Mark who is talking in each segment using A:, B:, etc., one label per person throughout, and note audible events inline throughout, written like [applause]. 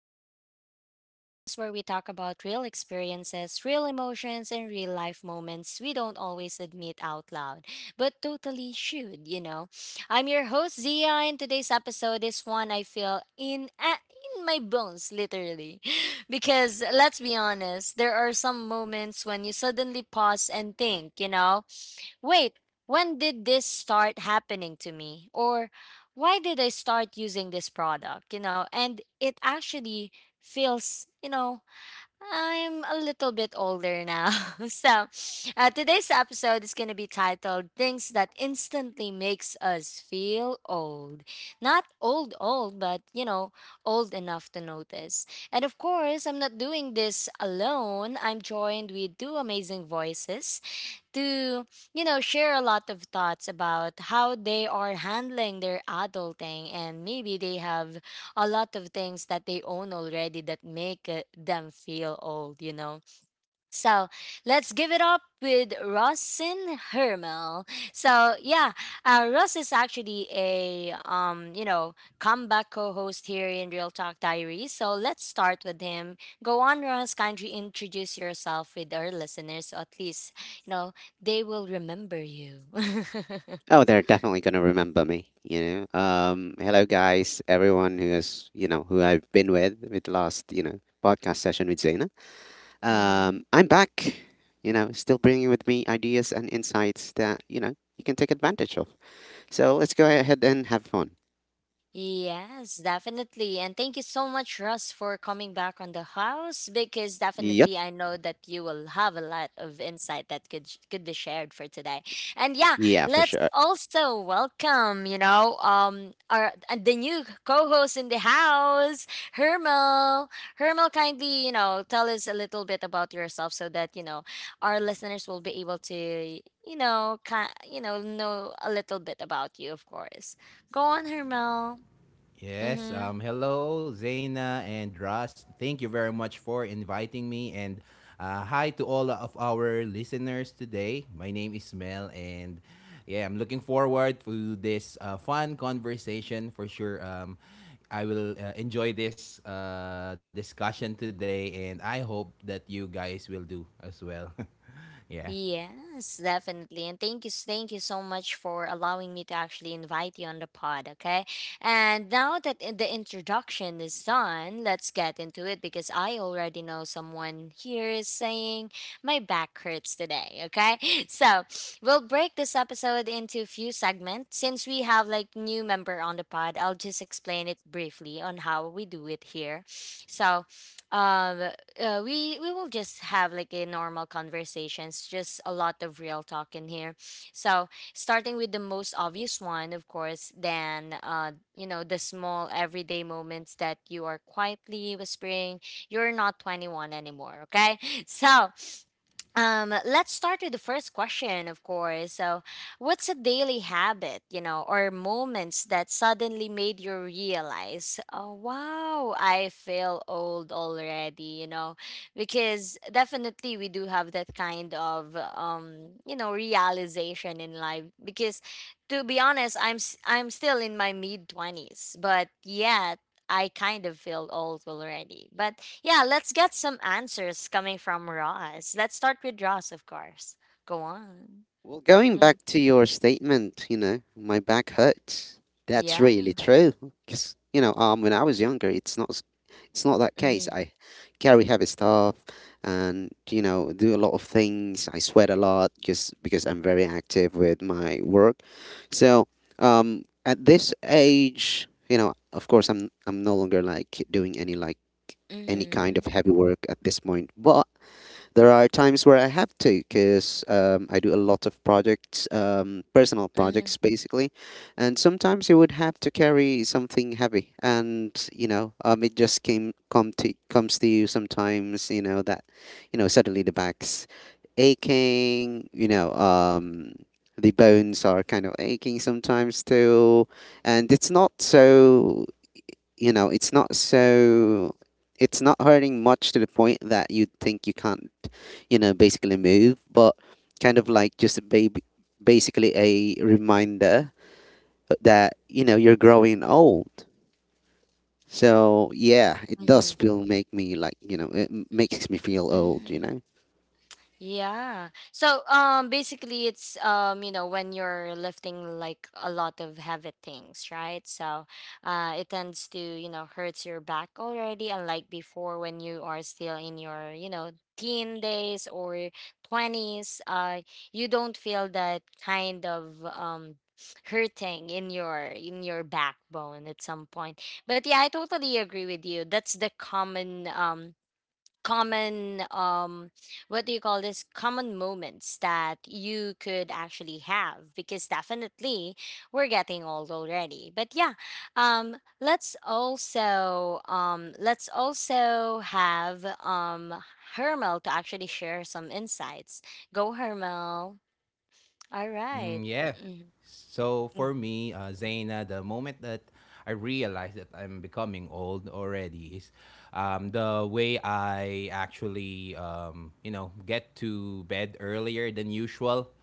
A: Diaries, the podcast where we talk about real experiences, real emotions, and real life moments we don't always admit out loud, but totally should. I'm your host, Zia, and today's episode is one I feel in my bones, literally. [laughs] Because let's be honest, there are some moments when you suddenly pause and think, wait, when did this start happening to me? Or why did I start using this product? And it actually feels, I'm a little bit older now. [laughs] So, today's episode is going to be titled Things That Instantly Makes Us Feel Old. Not old, old, but old enough to notice. And of course, I'm not doing this alone. I'm joined with two amazing voices to share a lot of thoughts about how they are handling their adulting, and maybe they have a lot of things that they own already that make them feel old. So let's give it up with Rosin Hermel. So yeah, Ross is actually a comeback co-host here in Real Talk Diary. So let's start with him. Go on, Ross. Kindly introduce yourself with our listeners, so at least you know they will remember you. [laughs]
B: Oh, they're definitely gonna remember me. Hello guys, everyone who has, who I've been with last, podcast session with Zaina.
A: Mm-hmm.
B: I'm back, still bringing with me ideas and insights that you can take advantage of. So let's go ahead and have fun.
A: Yes, definitely. And thank you so much, Russ, for coming back on the house, because
B: Yep.
A: definitely I know that you will have a lot of insight that could could be shared for today. And yeah,
B: Yeah, for
A: let's
B: sure.
A: also welcome, you know, our the new co-host in the house, Hermel. Hermel, kindly, tell us a little bit about yourself so that our listeners will be able to know a little bit about you, of course. Go on, Hermel. Mm-hmm.
C: Yes. Hello, Zaina and Russ. Thank you very much for inviting me. And hi to all of our listeners today. My name is Mel, and yeah, I'm looking forward to this fun conversation for sure. I will enjoy this discussion today, and I hope that you guys will do as well. [laughs] Yeah.
A: Yes, definitely. And thank you so much for allowing me to actually invite you on the pod, okay? And now that the introduction is done, let's get into it, because I already know someone here is saying my back hurts today, okay? [laughs] So, we'll break this episode into a few segments. Since we have like new member on the pod, I'll just explain it briefly on how we do it here. So, um we will just have like a normal conversations, just a lot of real talk in here, so starting with the most obvious one, of course, then the small everyday moments that you are quietly whispering you're not 21 anymore, okay? [laughs] So, let's start with the first question, of course. So, what's a daily habit, you know, or moments that suddenly made you realize, oh, wow, I feel old already? Because definitely we do have that kind of realization in life. Because, to be honest, I'm still in my mid 20s, but yet I kind of feel old already. But yeah, let's get some answers coming from Ross. Let's start with Ross, of course. Go on.
B: Well, going
A: Mm.
B: back to your statement, my back hurts. That's
A: Yeah.
B: really true. Because when I was younger, it's not that case.
A: Mhm.
B: I carry heavy stuff, and do a lot of things. I sweat a lot just because I'm very active with my work. So, at this age, of course, I'm no longer like doing any kind
A: Mhm.
B: of heavy work at this point, but there are times where I have to because I do a lot of projects, personal
A: Mhm.
B: projects basically, and sometimes you would have to carry something heavy, and it just came come to comes to you sometimes. You know that, suddenly the back's aching. The bones are kind of aching sometimes too, and it's not so you know, it's not so it's not hurting much to the point that you think you can't, basically move, but kind of like just a baby, basically a reminder that, you're growing old. So, yeah, it does
A: Mhm.
B: feel make me makes me feel old, you
A: Mhm.
B: know?
A: Yeah. So basically it's when you're lifting like a lot of heavy things, right? So it tends to hurts your back already, unlike before, when you are still in your teen days or 20s, you don't feel that kind of hurting in your backbone at some point. But yeah, I totally agree with you. That's the common common what do you call this common moments that you could actually have, because definitely we're getting old already, but yeah, let's also have Hermel to actually share some insights. Go, Hermel. All right.
C: Mm, yeah.
A: Mm-hmm.
C: So for me, Zaina, the moment that I realized that I'm becoming old already is the way I actually, get to bed earlier than usual.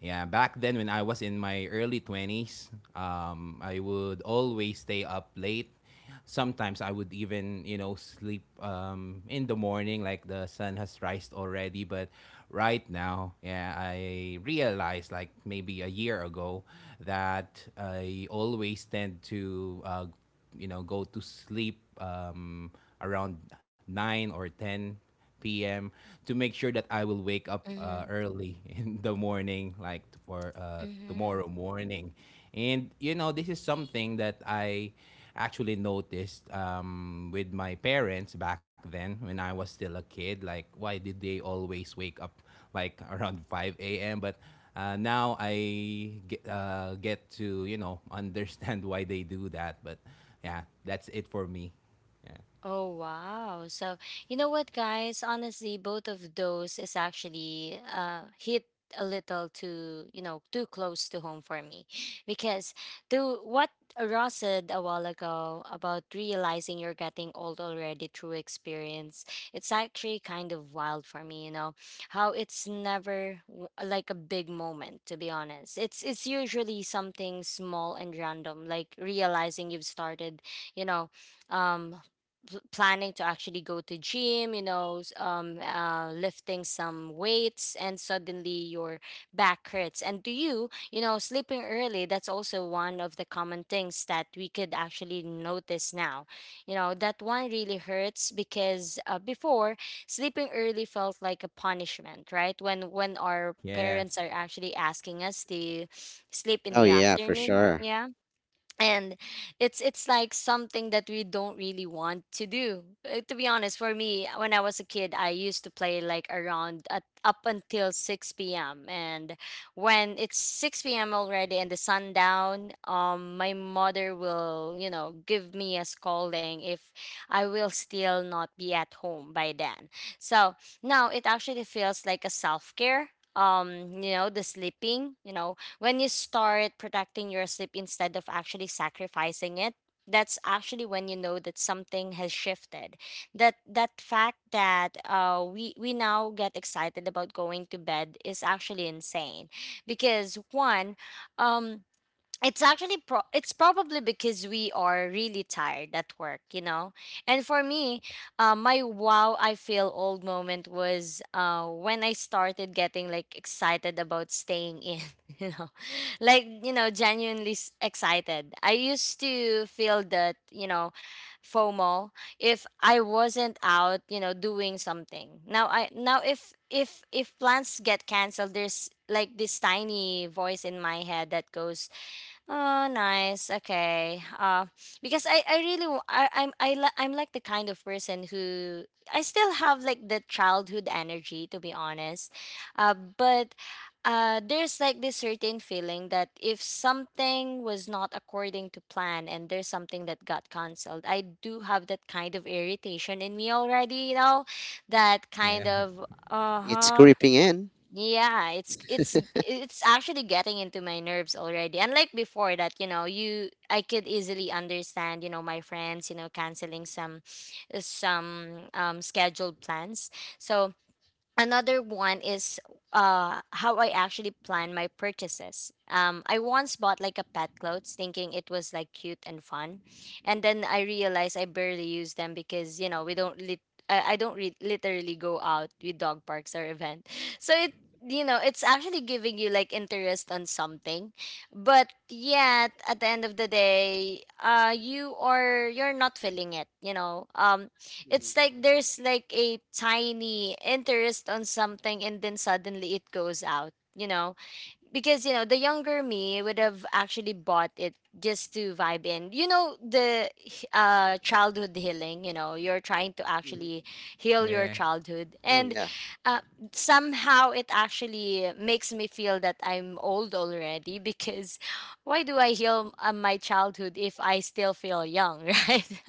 C: Yeah, back then when I was in my early 20s, I would always stay up late. Sometimes I would even, sleep in the morning, like the sun has risen already. But right now, yeah, I realized, like maybe a year ago, that I always tend to, go to sleep around 9 or 10 p.m. to make sure that I will wake up
A: Mm-hmm.
C: early [laughs] in the morning, like for
A: Mm-hmm.
C: tomorrow morning. This is something that I actually noticed with my parents back then when I was still a kid. Like, why did they always wake up like [laughs] around 5 a.m.? But now I get to [laughs] understand why they do that. But yeah, that's it for me. Yeah.
A: Oh wow. So you know what, guys, honestly both of those is actually hit a little too close to home for me, because to what Ross said a while ago about realizing you're getting old already through experience, it's actually kind of wild for me, how it's never like a big moment, to be honest. It's usually something small and random, like realizing you've started, you know, um planning to actually go to gym, lifting some weights, and suddenly your back hurts. And to sleeping early, that's also one of the common things that we could actually notice now. You know that one really hurts, because before, sleeping early felt like a punishment, right, when our
C: [laughs] Yeah,
A: parents are actually asking us to sleep in
B: Oh,
A: the
B: yeah, for
A: afternoon,
B: sure.
A: yeah? And it's like something that we don't really want to do. To be honest, for me, when I was a kid, I used to play like around up until 6 p.m, and when it's 6 p.m already and the sun down, my mother will give me a scolding if I will still not be at home by then. So now it actually feels like a self-care, the sleeping, when you start protecting your sleep instead of actually sacrificing it, that's actually when you know that something has shifted. That fact that we now get excited about going to bed is actually insane, because one, um, it's probably because we are really tired at work. And for me, my wow I feel old moment was when I started getting like excited about staying in [laughs] you know like genuinely excited. I used to feel that FOMO if I wasn't out doing something. Now, if plans get canceled, there's like this tiny voice in my head that goes, Oh, nice. Okay. Because I really, wa- I, am I, I'm like the kind of person who I still have like the childhood energy, to be honest. But there's like this certain feeling that if something was not according to plan and there's something that got canceled, I do have that kind of irritation in me already, that kind
C: yeah,
A: of, uh
B: It's
A: huh
B: creeping in.
A: yeah, it's actually getting into my nerves already. Unlike before that, you I could easily understand, my friends, canceling some scheduled plans. So another one is how I actually plan my purchases. I once bought like a pet clothes, thinking it was like cute and fun. And then I realized I barely use them because, we don't lit I don't re- literally go out with dog parks or event. [laughs] So it's actually giving you like interest on something. But yet at the end of the day, you're not feeling it. It's
B: Hmm.
A: like there's like a tiny interest on something, and then suddenly it goes out, because the younger me would have actually bought it just to vibe in, the childhood healing. You're trying to actually
B: Hmm.
A: heal
C: yeah.
A: your childhood,
B: Oh,
A: and
B: yeah.
A: uh, somehow it actually makes me feel that I'm old already because, [laughs] why do I heal my childhood if I still feel young, [laughs] right?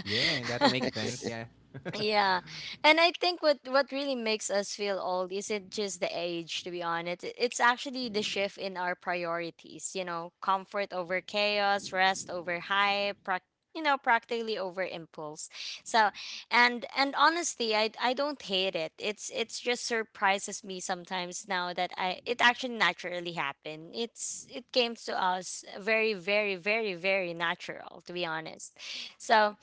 C: Yeah, that makes
A: [laughs]
C: sense. Yeah. [laughs]
A: Yeah. And I think what really makes us feel old isn't just the age, to be honest. It's actually the shift in our priorities, you know, comfort over chaos, rest over hype, practically over impulse. So, and honestly, I don't hate it. It's just surprises me sometimes now that I it actually naturally happened. It came to us very, very, very, very natural, to be honest. So,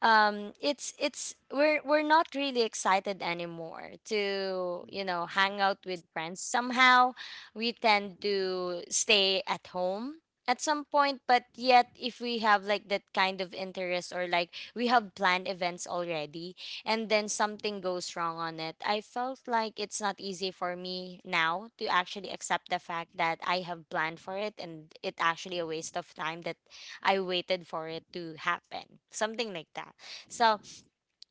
A: it's we're not really excited anymore to
B: Hmm.
A: you know hang out with friends somehow. We tend to stay at home at some point, but yet if we have like that kind of interest, or like we have planned events already, and then something goes wrong on it, I felt like it's not easy for me now to actually accept the fact that I have planned for it, and it actually a waste of time that I waited for it to happen, something like that. So,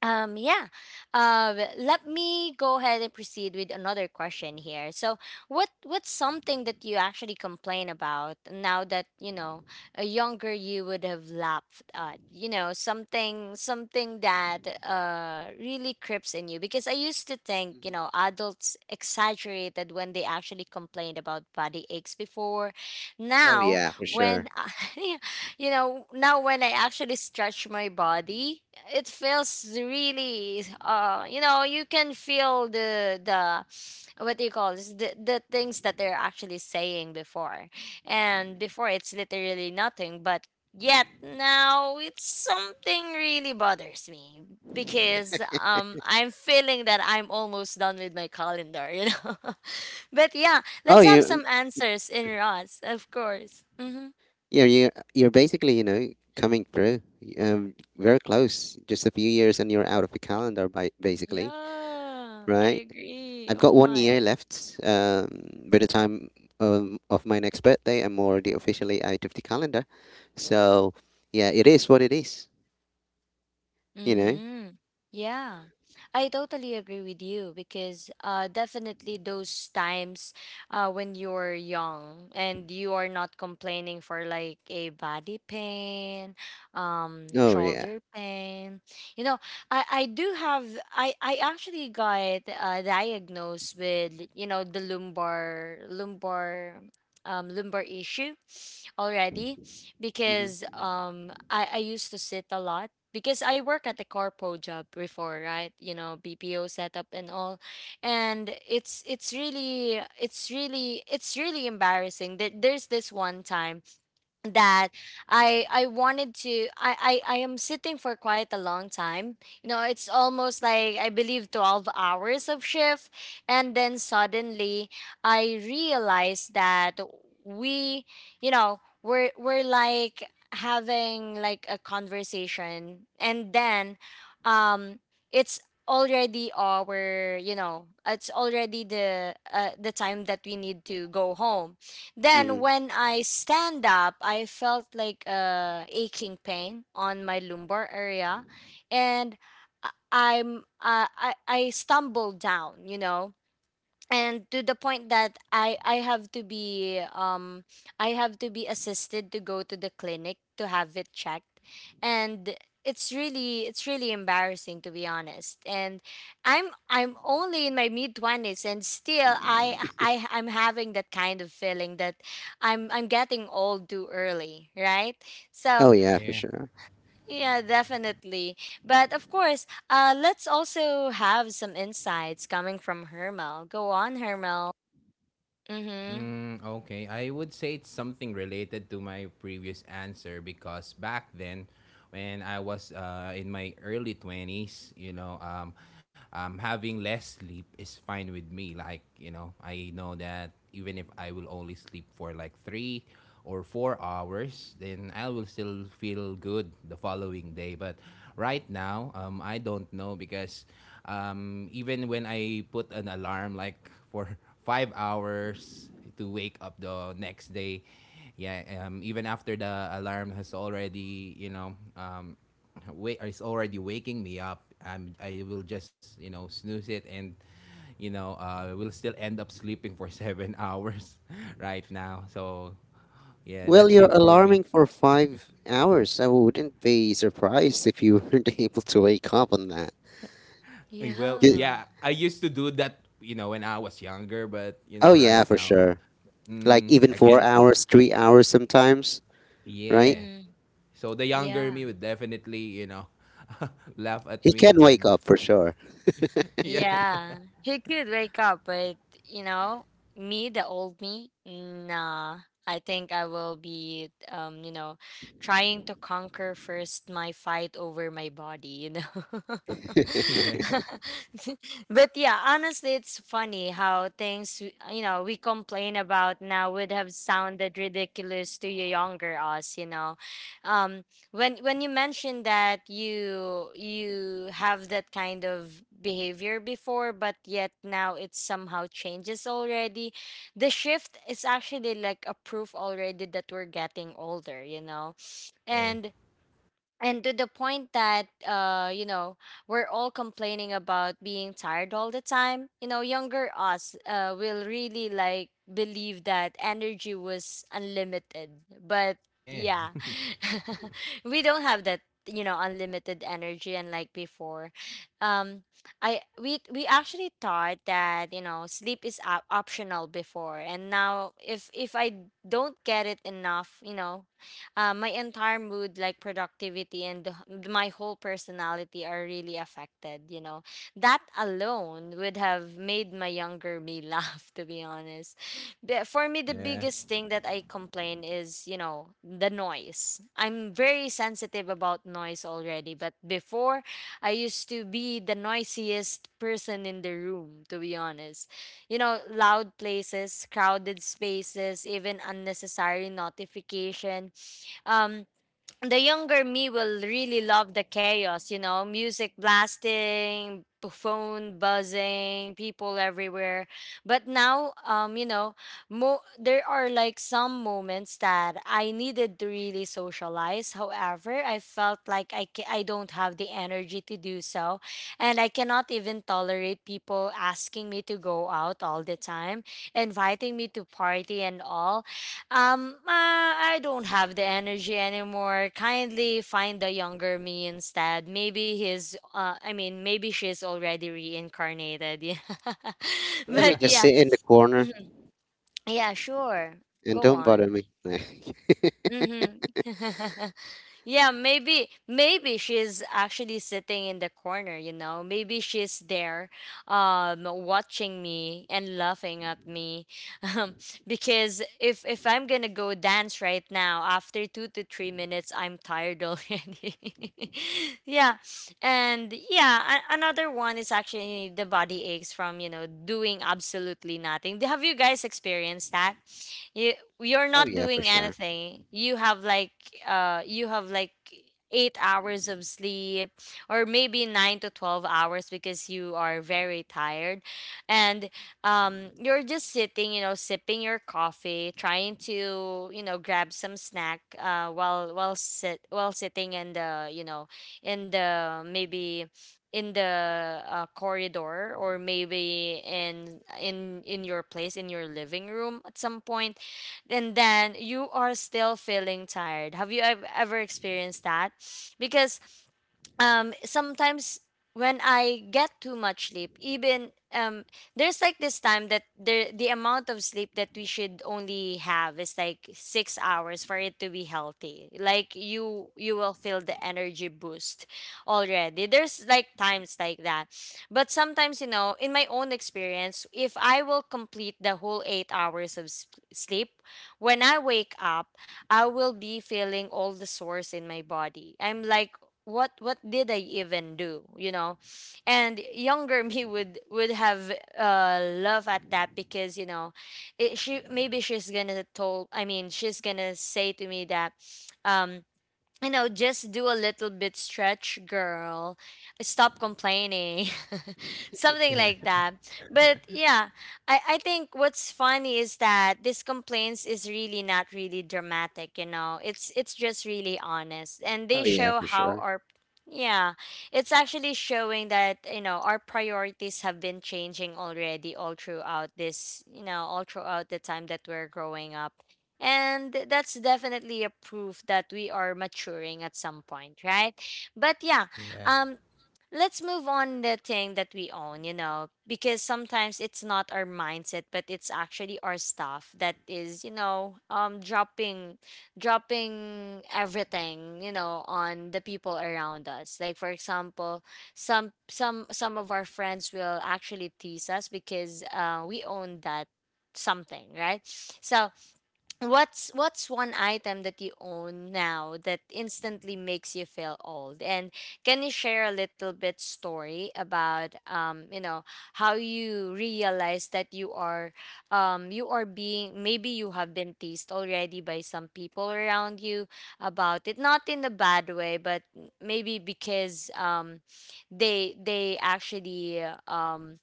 A: yeah, let me go ahead and proceed with another question here. So, what's something that you actually complain about now that you know a younger you would have laughed at? You know, something that really creeps in you, because I used to think
B: Hmm.
A: adults exaggerated when they actually complained about body aches before.
B: Oh,
A: Now,
B: yeah, for
A: when
B: sure.
A: [laughs] yeah, you know, now when I actually stretch my body, it feels really you know, you can feel the what do you call this the things that they're actually saying before. And before it's literally nothing, but yet now it's something really bothers me because I'm feeling that I'm almost done with my calendar, you know. [laughs] But yeah,
B: Oh,
A: let's have
B: you.
A: some answers in Ross, of course. Mhm.
B: Yeah, you're basically coming through. Very close. Just a few years, and you're out of the calendar. By basically,
A: Yeah, I
B: right?
A: agree.
B: I've
A: Oh
B: got one
A: my.
B: year left. By the time of my next birthday, I'm already officially out of the calendar. So, yeah, it is what it is. You know.
A: Mm-hmm. Yeah, I totally agree with you because definitely those times when you're young and you are not complaining for like a body pain,
B: Oh yeah.
A: shoulder pain. You know, I do have, I actually got diagnosed with, you know, the lumbar issue already
B: Hmm.
A: because I used to sit a lot because I work at the corpo job before, right? You know, BPO setup and all. And it's really it's really embarrassing that there's this one time that I wanted to I am sitting for quite a long time. You know, it's almost like I believe 12 hours of shift and then suddenly I realized that we, you know, we're like having like a conversation and then um it's already our you know it's already the time that we need to go home. Then
B: Hmm.
A: when I stand up, I felt like a aching pain on my lumbar area, and I stumbled down, you know, and to the point that I have to be, I have to be assisted to go to the clinic to have it checked. And it's really embarrassing, to be honest. And I'm only in my mid 20s, and still I'm having that kind of feeling that I'm getting old too early, right?
B: Oh
A: So
B: yeah, for
C: Yeah.
B: sure.
A: yeah, definitely. But of course, let's also have some insights coming from Hermel. Go on, Hermel. Mm-hmm.
C: Mm, okay. I would say it's something related to my previous answer because back then, when I was in my early 20s, having less sleep is fine with me. Like, I know that even if I will only sleep for like 3 or 4 hours, then I will still feel good the following day. But right now, I don't know because even when I put an alarm like for [laughs] 5 hours to wake up the next day, yeah, even after the alarm has already, wait, is already waking me up, I will just, snooze it and will still end up sleeping for [laughs] 7 hours [laughs] right now. So yeah, that's
B: Well,
C: it
B: you're
C: for me.
B: alarming for 5 hours. I wouldn't be surprised if you weren't [laughs] able to wake up on that.
C: Well,
B: Y-
A: Yeah.
C: yeah, I used to do that, when I was younger, but
B: Oh yeah,
C: right
B: for
C: now,
B: sure. Like even
C: I
B: four
C: can.
B: hours, 3 hours sometimes, right?
C: Yeah.
A: Mm-hmm.
C: So the younger
A: Yeah.
C: me would definitely, [laughs] laugh at
B: He
C: me
B: can wake
C: when.
B: up for
C: [laughs]
B: sure.
C: Yeah.
A: Yeah. He could wake up, but you know, me, the old me, nah. I think I will be, you know, trying to conquer first my fight over my body, you know.
C: [laughs]
B: [laughs]
C: Yeah.
A: [laughs] But yeah, honestly, it's funny how things, you know, we complain about now would have sounded ridiculous to your younger us, you know. Um, when you mentioned that you have that kind of behavior before but yet now it somehow changes already, the shift is actually like a proof already that we're getting older, you know.
C: Yeah.
A: and and to the point that you know, we're all complaining about being tired all the time. You know, younger us will really like believe that energy was unlimited, but
C: Yeah.
A: yeah, [laughs] we don't have that, you know, unlimited energy. And like before, um I we actually thought that, you know, sleep is optional before, and now if I don't get it enough, you know, my entire mood like productivity and the my whole personality are really affected, you know. That alone would have made my younger me [laughs] laugh, to be honest. But for me, the
C: Yeah.
A: biggest thing that I complain is, you know, the noise. I'm very sensitive about noise already, but before I used to be the noisiest person in the room, to be honest. You know, loud places, crowded spaces, even unnecessary notification. um the younger me will really love the chaos, you know, music blasting, phone buzzing, people everywhere. But now, um, you know, there are like some moments that I needed to really socialize, however I felt like I I don't have the energy to do so. And I cannot even tolerate people asking me to go out all the time, inviting me to party and all. I don't have the energy anymore. Kindly find a younger me instead. Maybe he's, I mean, maybe she's already reincarnated. Yeah. [laughs]
B: Let me
A: But
B: just
A: yeah,
B: sit in the corner
A: mhm, yeah, sure.
B: and
A: Go
B: don't bother
A: on.
B: me. [laughs]
A: Mm-hmm. [laughs] Yeah, maybe she's actually sitting in the corner, you know. Maybe she's there, um, watching me and laughing at me. [laughs] Um, because if I'm going to go dance right now after 2 to 3 minutes, I'm tired already. [laughs] Yeah. And yeah, another one is actually the body aches from, you know, doing absolutely nothing. Have you guys experienced that? You you're
B: Like, oh
A: not
B: yeah, for
A: doing
B: sure.
A: anything, you have like uh you have like 8 hours of sleep, or maybe nine to 12 hours, because you are very tired. And um, you're just sitting, you know, sipping your coffee, trying to, you know, grab some snack while sitting in the you know in the maybe in the corridor, or maybe in your place, in your living room at some point, and then you are still feeling tired. Have you ever experienced that? Because um, sometimes when I get too much sleep, even um, there's like this time that the amount of sleep that we should only have is like 6 hours for it to be healthy. Like you will feel the energy boost already. There's like times like that. But sometimes, you know, in my own experience, if I will complete the whole 8 hours of sleep, when I wake up, I will be feeling all the sores in my body. I'm like, what did I even do? You know, and younger [laughs] me would have love at that, because you know, she, maybe she's gonna told, I mean she's gonna say to me that, um, you know, just do a little bit stretch, girl. Stop complaining. [laughs]
C: [laughs]
A: Something
C: Yeah.
A: like that. But yeah, I think what's funny is that this complaints is really not really dramatic, you know. It's just really honest. And
B: Oh
A: they
B: yeah,
A: show
B: for
A: how
B: sure.
A: our, yeah, it's actually showing that, you know, our priorities have been changing already all throughout this, you know, all throughout the time that we're growing up. And that's definitely a proof that we are maturing at some point, right? But yeah,
C: Yeah.
A: um, let's move on the thing that we own, you know, because sometimes it's not our mindset, but it's actually our stuff that is, you know, dropping, dropping everything, you know, on the people around us. Like for example, some of our friends will actually tease us because we own that something, right? So what's one item that you own now that instantly makes you feel old, and can you share a little bit story about, um, you know, how you realize that you are, um, you are being, maybe you have been teased already by some people around you about it, not in a bad way, but maybe because um, they actually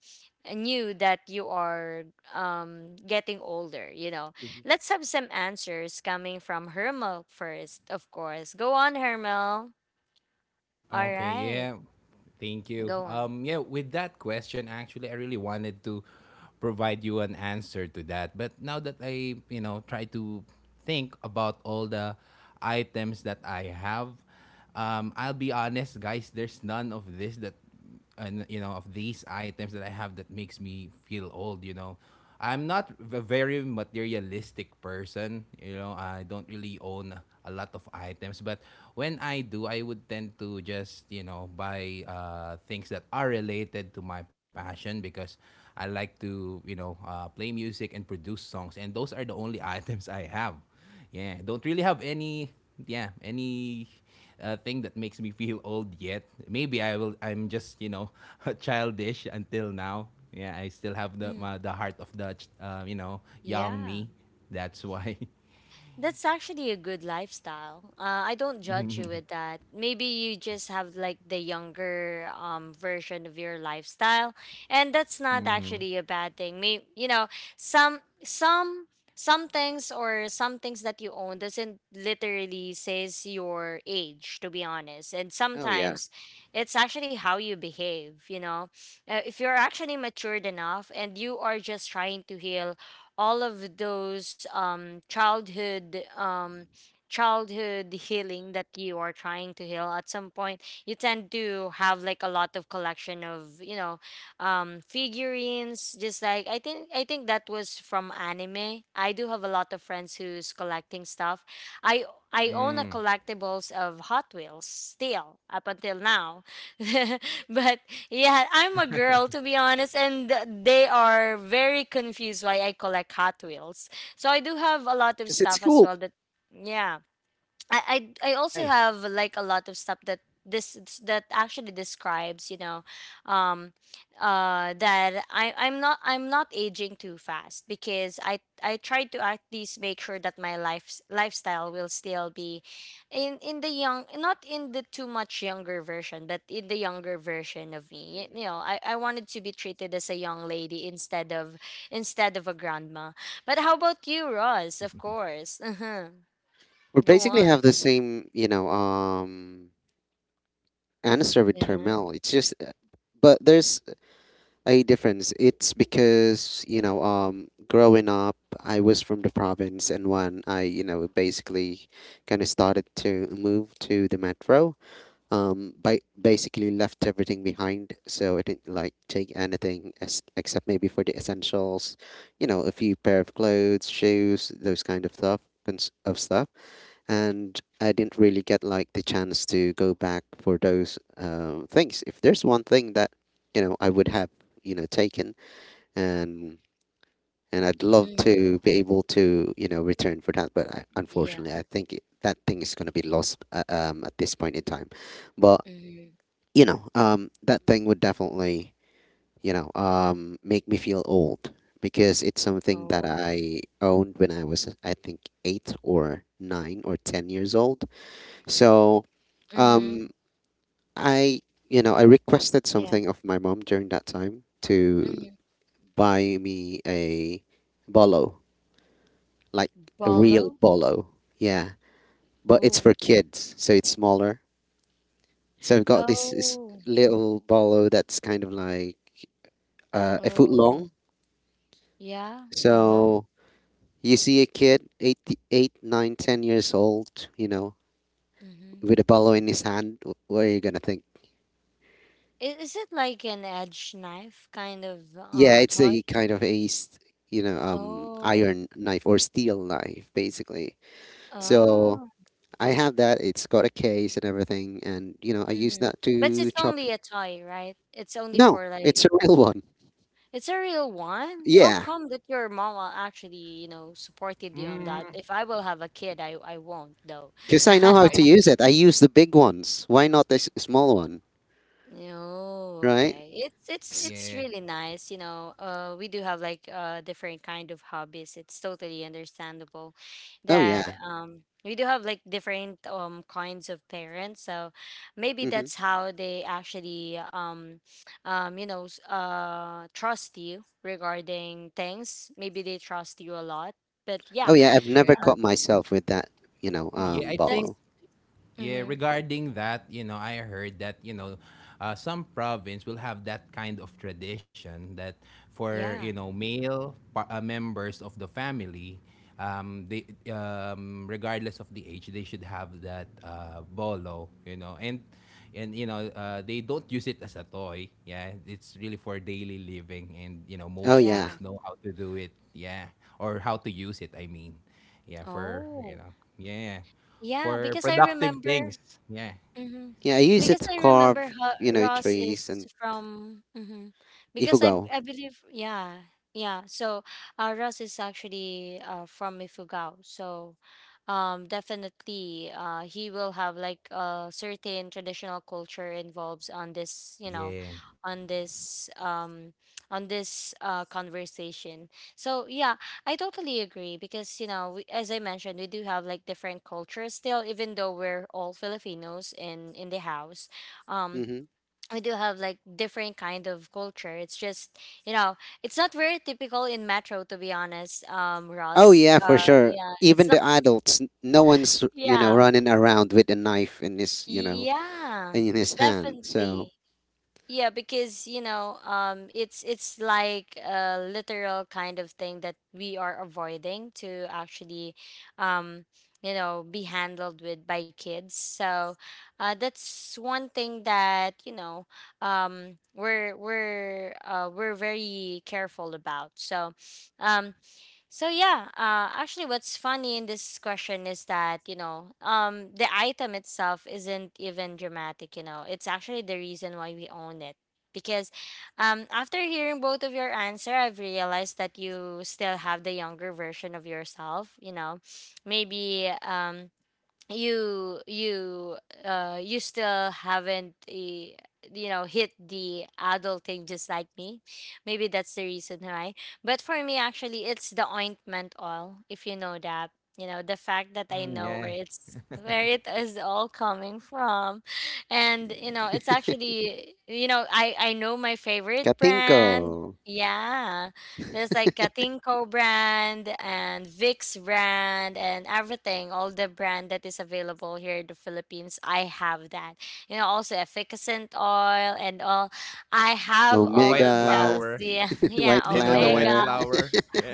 A: knew that you are, um, getting older, you know.
B: Mhm.
A: Let's have some answers coming from Hermel first, of course. Go on, Hermel. All
C: Okay,
A: right.
C: yeah. Thank you.
A: Go on.
C: Yeah, with that question actually I really wanted to provide you an answer to that. But now that I try to think about all the items that I have, I'll be honest, guys, there's none of this that and of these items that I have that makes me feel old. I'm not a very materialistic person. I don't really own a lot of items, but when I do, I would tend to just buy things that are related to my passion, because I like to play music and produce songs, and those are the only [laughs] items I have. Yeah, don't really have any, yeah, any thing that makes me feel old yet. Maybe I will. I'm just [laughs] childish until now. Yeah, I still have the
A: Mm,
C: my, the heart of the young
A: yeah.
C: me. That's why.
A: That's actually a good lifestyle. I don't judge you with
C: [laughs]
A: that. Maybe you just have like the younger version of your lifestyle, and that's not
C: mm-hmm.
A: actually a bad thing. May you know, some some some things, or some things that you own doesn't literally says your age, to be honest. And
B: Oh yeah,
A: sometimes it's actually how you behave, you know. Uh, if you're actually matured enough and you are just trying to heal all of those childhood childhood healing that you are trying to heal at some point, you tend to have like a lot of collection of, you know, um, figurines. Just like, I think that was from anime. I do have a lot of friends who's collecting stuff. i I own a
C: mm.
A: collectibles of Hot Wheels still up until now. [laughs] But yeah, I'm a girl, to be honest, and they are very confused why I collect Hot Wheels. So I do have a lot of
B: because it's
A: stuff as
B: cool.
A: well that, yeah. I also
C: Nice.
A: have like a lot of stuff that this that actually describes, you know, um, that I I'm not aging too fast, because I try to at least make sure that my lifestyle will still be in the young, not in the too much younger version, but in the younger version of me.
B: Mhm.
A: You know, I wanted to be treated as a young lady instead of a grandma. But how about you, Ross, of
C: [laughs]
A: course?
B: We
A: [laughs] Go
B: basically
A: on.
B: have the same, answer with
A: Uh-huh.
B: Termel. But there's a difference. It's because growing up, I was from the province, and when I, basically kind of started to move to the metro, by basically left everything behind. So I didn't like take anything as, except maybe for the essentials, a few pair of clothes, shoes, those kind of stuff, cons- of stuff and I didn't really get like the chance to go back for those things. If there's one thing that I would have taken, and and I'd love
A: Mhm.
B: to be able to return for that, but I,
A: Yeah.
B: unfortunately, I think that thing is going to be lost at this point in time. But
A: Mhm.
B: that thing would definitely make me feel old because it's something that
A: Oh.
B: I owned when I was I think 8 or 9 or 10 years old so um,
A: Mhm.
B: I, I requested
A: Yeah.
B: something of my mom during that time to
A: Mhm.
B: buy me a bolo, like a real
A: Bolo.
B: bolo. Yeah, but it's
A: Oh.
B: for kids, so it's smaller. So I've got this
A: Oh.
B: little bolo that's kind of like a foot
A: Oh.
B: long.
A: Yeah. Uh-huh.
B: So you see a kid, eight, 9, 10 years old,
A: Mhm.
B: with a bolo in his hand. What are you gonna think?
A: Is it like an edge knife kind of
B: Yeah, it's
A: toy?
B: a kind of a, s- you know,
A: Oh.
B: iron knife or steel knife, basically. So
A: Oh.
B: I have that. It's got a case and everything, and I use
A: Mhm.
B: that
A: But
B: to
A: it's
B: chop.
A: only a toy, right? It's only
B: No,
A: for like,
B: it's a real one.
A: it's a real one. How
B: Yeah,
A: come that your mama actually, you know, supported you on
C: Mm,
A: that? If I will have a kid, I won't though.
B: because I know
A: [laughs]
B: how
C: yeah, I
B: to
C: think.
B: use it. I use the big ones. Why not this small one,
A: Oh,
B: right?
A: okay. It's it's
B: S-
A: it's
C: Yeah,
A: really nice, you know. We do have like different kind of hobbies. It's totally understandable
B: Oh yeah.
A: that we do have like different kinds of parents. So maybe
B: Hmm.
A: that's how they actually trust you regarding things. Maybe they trust you a lot. But
B: Oh
A: yeah,
B: yeah. I've
C: yeah,
B: never
A: um,
C: I,
B: caught myself with that,
A: mm,
C: yeah. I think.
A: that's
B: bottle.
C: Yeah,
A: Mm-hmm.
C: regarding that, I heard that, some province will have that kind of tradition that for,
A: Yeah.
C: male members of the family, they, regardless of the age, they should have that bolo, you know, and they don't use it as a toy. Yeah, it's really for daily living, and
B: Oh
C: most
B: yeah.
A: Yeah.
C: kids know how to do it. Yeah, or how to use it. I mean, yeah, for
A: Oh.
C: yeah
A: Yeah,
C: for
A: because I
C: productive
A: remember.
C: things. Yeah.
A: Mm-hmm.
B: Yeah, I use it
A: Because
B: to
A: I remember
B: carve,
A: how Ross is
B: trees and
A: from. Mm-hmm. Because I
B: ifugo.
A: I believe, yeah, yeah, so Ross is actually from Ifugao. So definitely, he will have like a certain traditional culture involves on this,
C: Yeah.
A: on this um conversation. So yeah, I totally agree because, we, as I mentioned, we do have like different cultures still, even though we're all Filipinos in the house. Um, we do have like different kind of culture. It's just, you know, it's not very typical in Metro, to be honest.
B: Oh
A: Ross.
B: yeah, for sure.
A: Yeah, it's
B: Even
A: not.
B: the adults, no one's
A: Yeah,
B: running around with a knife in his you know
A: yeah,
B: in his hand. So
A: definitely. Yeah, because it's like a literal kind of thing that we are avoiding to actually, um, be handled with by kids. So, that's one thing that we're very careful about. So, um, so yeah, actually, what's funny in this question is that the item itself isn't even dramatic. It's actually the reason why we own it. Because, after hearing both of your answer, I've realized that you still have the younger version of yourself. Maybe you you you still haven't hit the adulting just like me. Maybe that's the reason why, but for me actually it's the ointment oil, if you know that. The fact that I
C: Mm,
A: know
C: yeah.
A: where it is all coming from, and it's actually, I know my favorite
B: Katinko,
A: brand. Yeah, there's like Katinko brand and Vicks brand and everything, all the brand that is available here in the Philippines. I have that. Also efficacent oil and all. I have
C: The
A: all
C: white
A: of
B: Omega,
A: those.
C: flower.
A: Yeah, [laughs]
B: [laughs]
C: [laughs]
A: yeah,
C: Do
B: White
C: you know the white
B: Flower.
A: Omega.
C: flower? Yeah.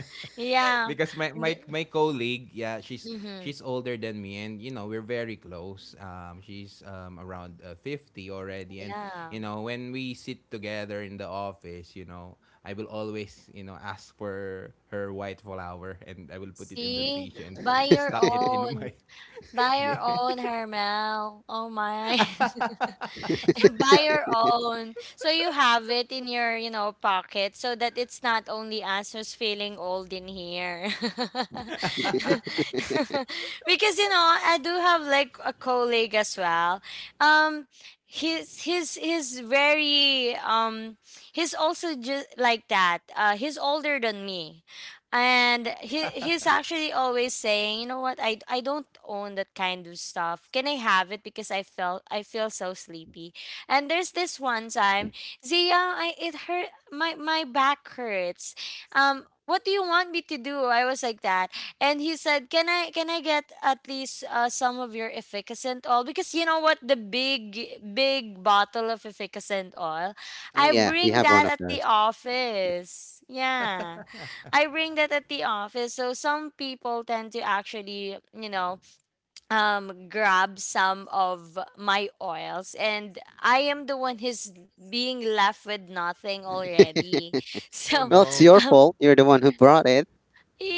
C: [laughs]
A: Yeah.
C: Because my colleague, yeah, she's
A: Mm-hmm.
C: she's older than me and we're very close. She's around 50 already, and
A: Yeah.
C: when we sit together in the office, I will always, ask for her white flower, and I will put it in the
A: See,
C: tissue and
A: buy your
C: stuck it
B: [laughs]
C: in
A: own.
C: my. [laughs]
A: Buy your
C: Yeah.
A: own, Hermel. Oh my. [laughs] [laughs] Buy your own so you have it in your pocket, so that it's not only us who's feeling old in here. [laughs] Because I do have like a colleague as well. um he's he's he's very um he's also just like that. He's older than me, and he's actually always saying, "You know what, I don't own that kind of stuff. Can I have it? Because I feel so sleepy." And there's this one time, Zia, I it hurt my my back hurts. What do you want me to do? I was like that, and he said, "Can I get at least some of your efficacent oil? Because you know what, the big big bottle of efficacent oil,
B: Oh
A: I
B: yeah, we
A: bring
B: have
A: that
B: one of
A: at the
B: those.
A: office. Yeah, I bring that at the office. So some people tend to actually." Grab some of my oils, and I am the one who's being left with nothing
B: [laughs]
A: already. [laughs]
C: Oh
A: So,
B: Well, it's your
C: no.
A: [laughs]
B: fault. You're the one who brought it.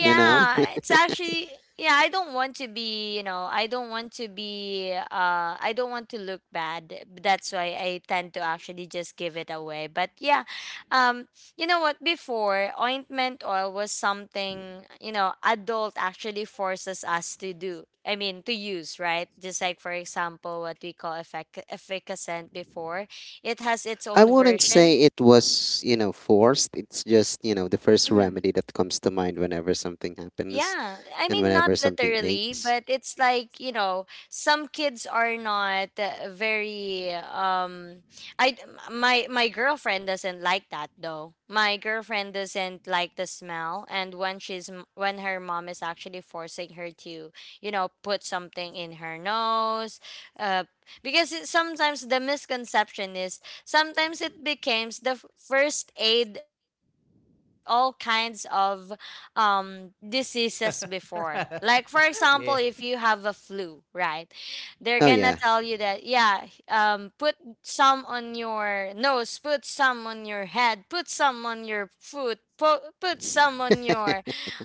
B: You know. [laughs]
A: it's actually yeah, I don't want to be, I don't want to look bad. That's why I tend to actually just give it away. But yeah, um you know what, before ointment oil was something, adult actually forces us to do. I mean, to use, right? Just like for example what we call efficacent before, it has its
B: I
A: own
B: wouldn't say
A: version.
B: it was forced. It's just the first
A: Mm-hmm.
B: remedy that comes to mind whenever something happens
A: Yeah, I
B: and
A: mean, not
B: whenever something
A: literally,
B: aches.
A: but it's like, some kids are not very. I My my girlfriend doesn't like that though. My girlfriend doesn't like the smell, and when her mom is actually forcing her to, put something in her nose, uh because sometimes the misconception is sometimes it becomes the first aid of all kinds of diseases before.
C: [laughs]
A: Like for example,
C: Yeah.
A: if you have a flu, right? They're
B: Oh
A: gonna
B: yeah.
A: tell you that, yeah, put some on your nose, put some on your head, put some on your foot, put some on your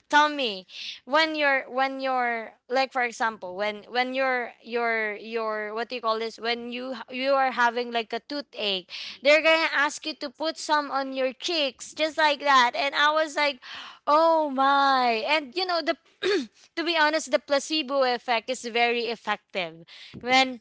A: tummy. When you're, like for example, when you're your, what do you call this? When you are having like a toothache, they're gonna ask you to put some on your cheeks, just like that. And I was like, oh my. And you know the [clears throat] To be honest, the placebo effect is very effective. When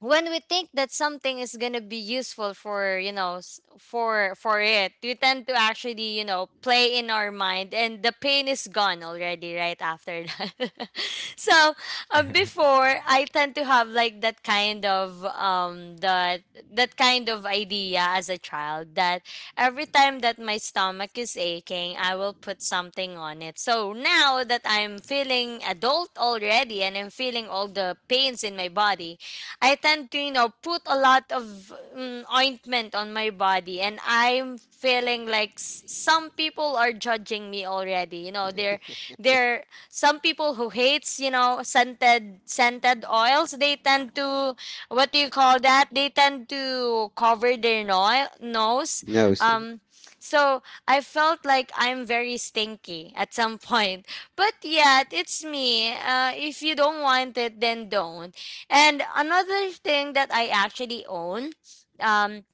A: when we think that something is going to be useful for, for it, we tend to actually, play in our mind, and the pain is gone already right after that. [laughs] So,
C: Yeah. [laughs]
A: before I tend to have like that kind of idea as a child, that every time that my stomach is aching, I will put something on it. So now that I'm feeling adult already, and I'm feeling all the pains in my body, I tend to, put a lot of ointment on my body, and I'm feeling like some people are judging me already. They're some people who hates, scented oils. They tend to, what do you call that? They tend to cover their
B: [laughs]
A: nose.
B: No.
A: um, so I felt like I'm very stinky at some [laughs] point. But yet, it's me. If you don't want it, then don't. And another thing that I actually own. Um,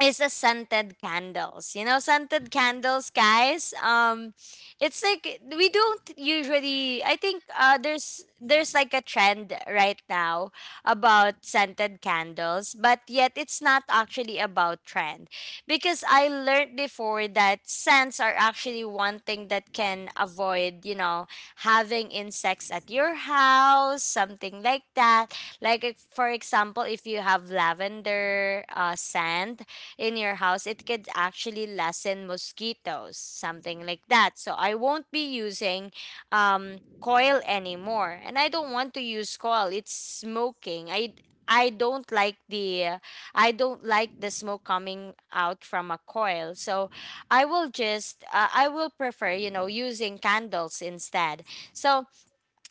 A: is the scented candles. Scented candles, guys. It's like we don't usually. I think there's like a trend right now about scented candles, but yet it's not actually about trend, because I learned before that scents are actually one thing that can avoid, having insects at your house, something like that. Like for example, if you have lavender scent in your house, it could actually lessen mosquitoes, something like that. So I won't be using coil anymore, and I don't want to use coil. It's smoking. I don't like the uh, I don't like the smoke coming out from a coil. So I will prefer, using candles instead. So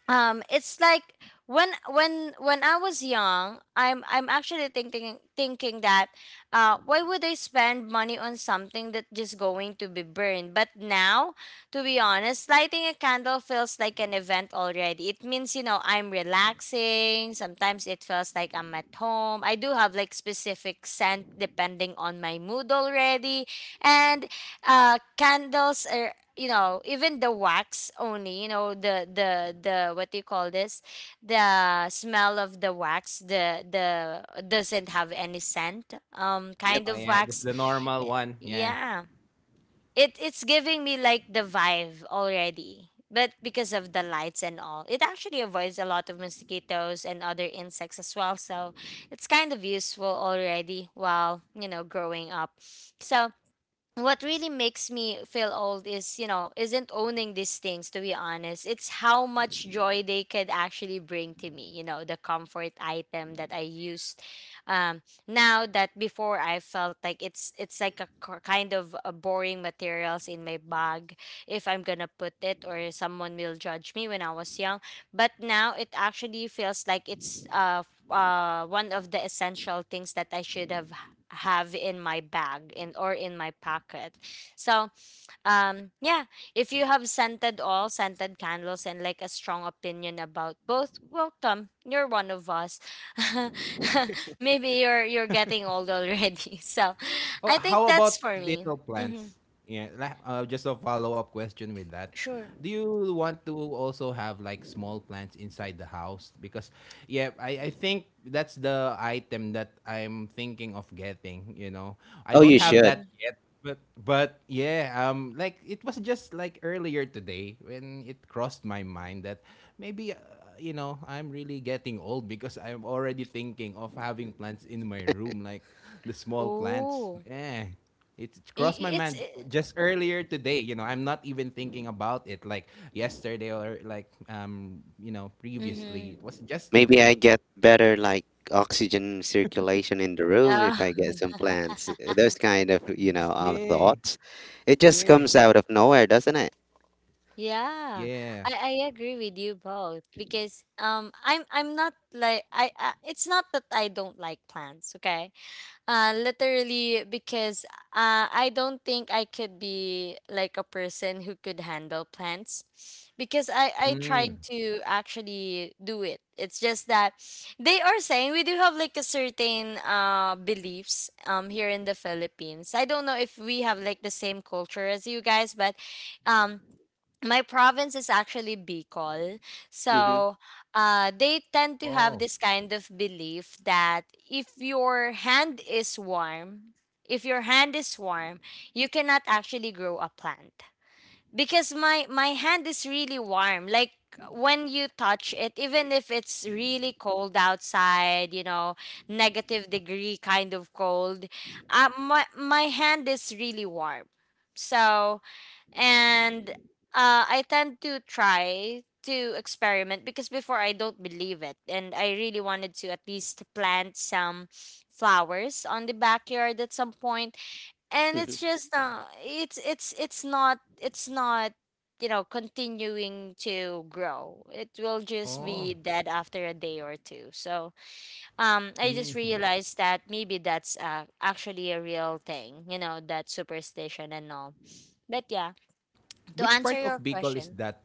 A: it's like, when I was young, I'm actually thinking that, why would I spend money on something that just going to be burned? But now, to be honest, lighting a candle feels like an event already. It means, I'm relaxing. Sometimes it feels like I'm at home. I do have like specific scent depending on my mood already, and candles are, even the wax only, you know the what do you call this, the smell of the wax, the doesn't have any scent, kind of
C: Oh yeah,
A: wax.
C: just the normal one. Yeah.
A: Yeah, it's giving me like the vibe already, but because of the lights and all, it actually avoids a lot of mosquitoes and other insects as well. So it's kind of useful already while, growing up. So what really makes me feel old is you know isn't owning these things. To be honest, it's how much joy they could actually bring to me, the comfort item that I used. um Now that before, I felt like it's like a kind of a boring materials in my bag, if I'm gonna put it, or someone will judge me when I was young. But now it actually feels like it's one of the essential things that I should have in my bag, in or in my pocket. So, yeah, if you have scented oil, scented candles and like a strong opinion about both, welcome. You're one of us. [laughs] Maybe you're getting old already. [laughs] So,
C: Oh,
A: I think
C: how
A: that's
C: about
A: for me.
C: little
A: Mhm.
C: plants? Yeah, just a follow-up question with that.
A: Sure.
C: Do you want to also have like small plants inside the house? Because yeah, I think that's the item that I'm thinking of getting. I
B: Oh,
C: don't
B: you
C: have
B: should.
A: Mhm.
C: that yet, but yeah, like it was just like earlier today when it crossed my mind that maybe I'm really getting old because I'm already thinking of having plants in my room, like [laughs] the small plants.
A: Oh.
C: Eh. It crossed my
A: It's
C: mind
A: it,
C: just earlier today. I'm not even thinking about it, like yesterday or like
A: mhm.
C: previously. It was just
B: Maybe I
C: today.
B: get better like oxygen circulation in the room if I
A: [laughs]
B: get some plants. Those kind of,
C: Yeah,
B: thoughts. It just
C: yeah,
B: comes out of nowhere, doesn't it?
A: Yeah,
C: yeah.
A: I agree with you both because I'm not like, I it's not that I don't like plants, okay? Literally, because I don't think I could be like a person who could handle plants, because I tried
C: Mm.
A: to actually do it. It's just that they are saying we do have like a certain beliefs, here in the Philippines. I don't know if we have like the same culture as you guys, but um my province is actually Bicol.
B: Mm-hmm.
A: So they tend to have
C: Oh,
A: this kind of belief that if your hand is warm, if your hand is warm, you cannot actually grow a plant. Because my hand is really warm. Like when you touch it, even if it's really cold outside, you know, negative degree kind of cold, my hand is really warm. So and I tend to try to experiment because before I don't believe it, and I really wanted to at least plant some flowers on the backyard at some point. And it's
B: Mm-hmm.
A: just it's not you know continuing to grow It will just be
C: oh.
A: dead after a day or two. So I just
C: Mm.
A: realized that maybe that's actually a real thing, you know, that superstition and all. But yeah,
C: [laughs]
A: to
C: Which
A: answer
C: part of
A: your
C: Bicol is
A: question,
C: that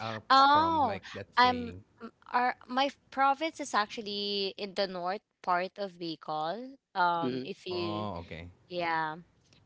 C: uh, from?
A: oh,
C: Like that
A: I'm
C: saying.
A: province is actually in the north part of Bicol.
B: Mm-hmm.
A: If you
C: Oh, okay.
A: yeah,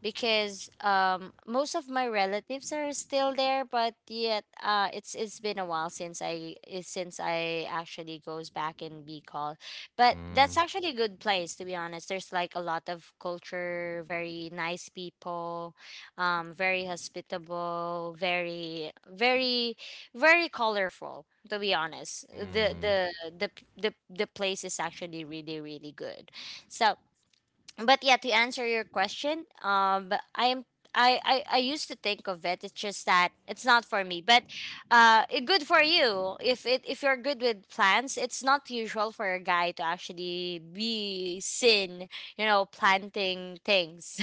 A: because most of my relatives are still there, but yet it's been a while since since I actually goes back and be called. But that's
C: Mm.
A: actually a good place to be honest. There's like a lot of culture, very nice people, very hospitable, very colorful. To be honest,
C: Mm.
A: the p- the place is actually really good. So but yeah, to answer your question, I, I used to think of it. It's just that it's not for me, but it good for you if it if you're good with plants. It's not usual for a guy to actually be seen, you know, planting things.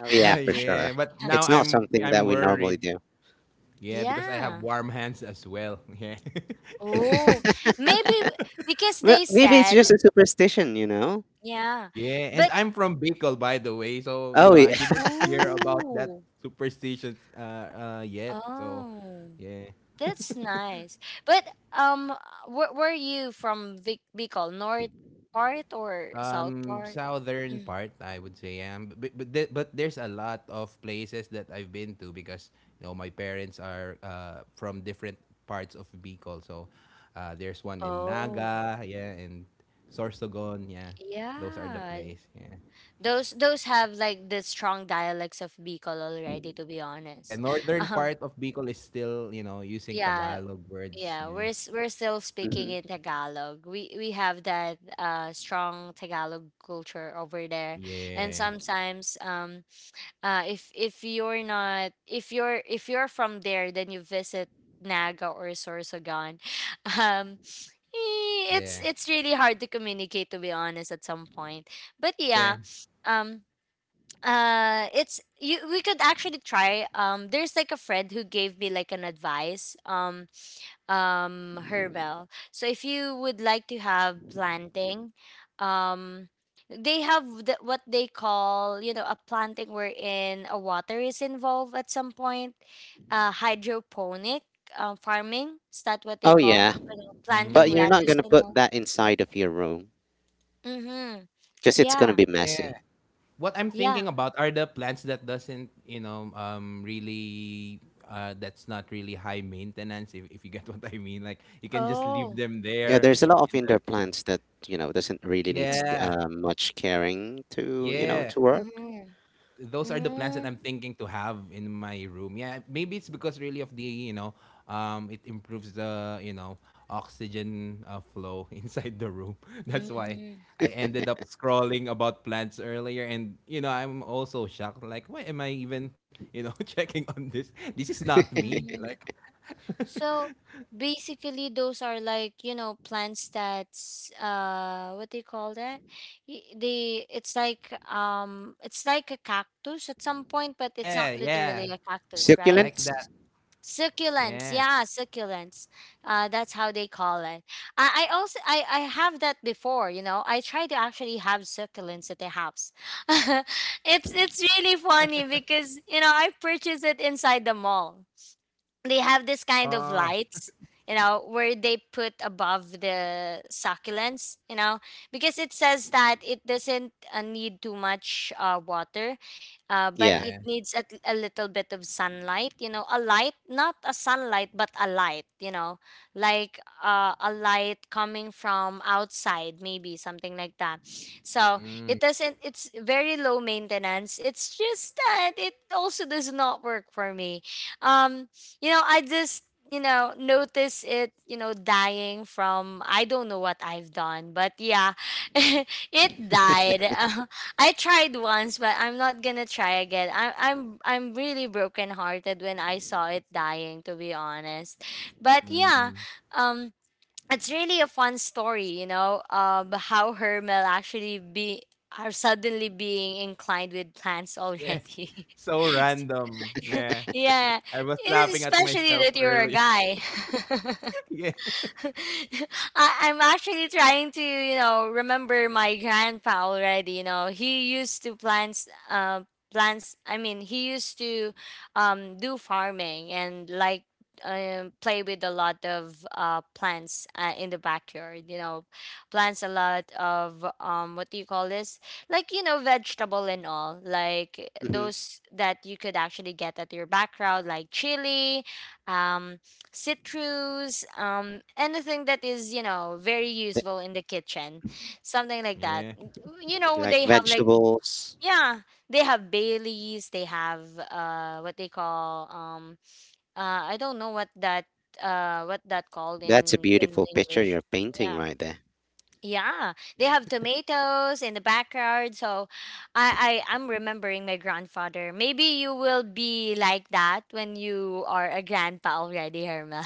B: Oh yeah, for
A: But
C: Yeah,
B: sure.
C: but now
B: It's not
C: I'm
B: something
C: I'm
B: that we normally
C: worried.
B: do.
C: Yeah, because I have
A: yeah.
C: warm hands as well. [laughs] Yeah.
A: Oh, maybe because
B: Well,
A: they
B: maybe it's
A: said
B: just a superstition, you know?
A: yeah,
C: Yeah, and
A: but
C: I'm from Bicol, by the way, so
B: Oh
C: I
B: yeah.
C: didn't hear about that
A: ooh,
C: superstitions yet. So,
A: oh.
C: yeah.
A: That's nice. But where were you from? Vic Bicol, north part or south part?
C: Southern
A: Mm.
C: part I would say am but there's a lot of places that I've been to because my parents are from different parts of Bicol. So, there's one in
A: Oh,
C: Naga, yeah, and Sorsogon, yeah. Those are the
A: yeah.
C: place. Yeah.
A: Those have like the strong dialects of Bicol already. To be
C: Yeah,
A: honest, [laughs]
C: northern
A: um,
C: part of Bicol is still, using
A: yeah,
C: Tagalog words.
A: yeah.
C: Yeah.
A: We're we're still speaking
B: Hmm.
A: in Tagalog. We have that strong Tagalog culture over there, and
C: Yeah.
A: sometimes if you're not if you're if you're from there, then you visit naga or sorsogon. [laughs] um
C: Yeah.
A: it's really hard to communicate to be honest at some point. But yeah,
C: Yeah.
A: um it's you we could actually try. There's like a friend who gave me like an advice, herbal. So if you would like to have planting, um, they have the, what they call, you know, a planting wherein a water is involved at some point. Uh, hydroponic farming, is that what they
B: Oh
A: call?
B: yeah.
A: You know, planting
B: But
C: Mm,
B: you're not
A: lettuce
B: gonna
A: and
B: put
A: all.
B: that inside of your room
A: Mm-hmm.
B: because it's gonna
A: Yeah.
B: be
C: yeah.
B: messy.
C: What I'm
A: Yeah.
C: thinking about are the plants that doesn't, really that's not really high maintenance, if, you get [laughs] what I mean. Like, you can just leave
A: Oh.
C: them
B: Yeah,
C: there
B: there's a lot of
C: in the.
B: indoor plants that, doesn't really need
C: Yeah.
B: much caring to,
C: Yeah.
B: to work.
A: Mm-hmm.
C: Those are the plants that I'm thinking to have in my room. Yeah, maybe it's because really of the, it improves the oxygen flow [laughs] inside the room. [laughs] That's why
A: Mm-hmm.
C: I ended up scrolling about plants earlier, and I'm also shocked. Like, why am I even [laughs] checking on this? This is not
B: [laughs]
C: me.
A: Mm-hmm.
C: Like,
A: So basically, those are like, you know, plants that's what do you call that? Y- They it's like a cactus at some point, but it's
C: yeah,
A: not
C: yeah,
A: literally a cactus, right?
C: like
B: Succulents?
C: that.
A: Succulents,
C: Yeah.
A: yeah, succulents. That's how they call it. I have that before, you know. I try to actually have succulents at the house. [laughs] It's really funny because you know I purchased it inside the mall. They have this kind of
C: Oh,
A: lights, you know, where they put above the succulents, you know, because it says that it doesn't need too much water but
B: Yeah.
A: it
C: yeah.
A: needs a little bit of sunlight, you know, a light. Not a sunlight, but a light, you know, like a light coming from outside, maybe something like that. So
C: Mm,
A: it doesn't, it's very low maintenance. It's just that it also does not work for me. um you know, I just you know notice it, you know, dying from I don't know what I've done, but yeah, [laughs] it died. [laughs] I tried once, but I'm not gonna try again. I'm really brokenhearted when I saw it dying, to be honest. But yeah,
C: mm.
A: um, it's really a fun story, you know, how Hermel actually be are suddenly being inclined with plants
C: Yeah.
A: already.
C: So random.
A: [laughs]
C: Yeah.
A: Yeah,
C: I was laughing at myself
A: especially that you're
C: earlier.
A: a guy.
C: [laughs]
A: [laughs]
C: Yeah.
A: [laughs] I'm actually trying to, you know, remember my grandpa already. You know, he used to plants, plants. I mean, he used to do farming and like play with a lot of plants in the backyard. You know, plants a lot of what do you call this? Like you know, vegetable and all, like
B: Hmm.
A: those that you could actually get at your background, like chili. Um, citrus, anything that is, you know, very useful in the kitchen, something like that.
C: Yeah.
A: You know,
B: Like
A: they have like,
B: vegetables.
A: yeah, they have Baileys, they have what they call, uh, I don't know what that called
B: That's a
A: in
B: beautiful picture
A: English.
B: you're painting
A: Yeah.
B: right there.
A: Yeah, they have tomatoes in the backyard. So I I'm remembering my grandfather. Maybe you will be like that when you are a grandpa already, Herma.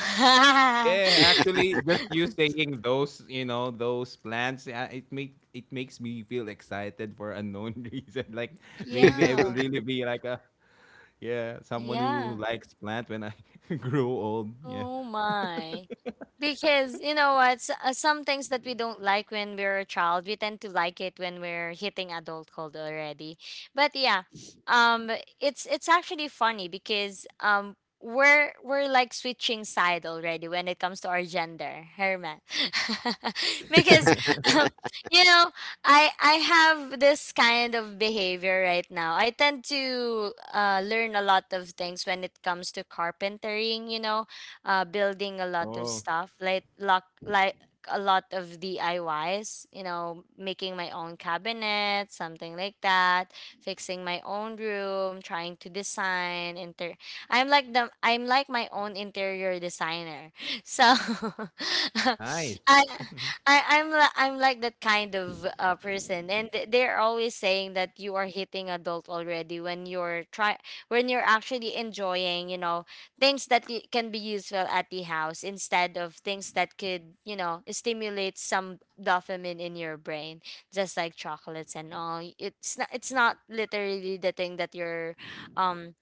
C: Yeah,
A: [laughs]
C: actually just you saying those, those plans, yeah, it makes me feel excited for unknown [laughs] reason. Like, maybe I will
A: Yeah.
C: really be like a, yeah, someone who
A: Yeah.
C: likes plant when I [laughs] grow old. Yeah.
A: Oh my. Because you know what, some things that we don't like when we're a child, we tend to like it when we're hitting adulthood already. But yeah, um, it's actually funny because we're like switching side already when it comes to our gender, Herman. [laughs]
C: Yeah.
A: Because
C: [laughs]
A: um, you know, I have this kind of behavior right now. I tend to learn a lot of things when it comes to carpentering. You know building a lot of
C: Oh,
A: stuff, like lock, like a lot of DIYs. You know, making my own cabinet, something like that, fixing my own room, trying to design. Inter, I'm like my own interior designer. [laughs] So, [laughs]
C: nice.
A: I I'm like that kind of person, and they're always saying that you are hitting adult already when you're try when you're actually enjoying, you know, things that can be useful at the house instead of things that could, you know, stimulate some dopamine in your brain, just like chocolates and all. It's not literally the thing um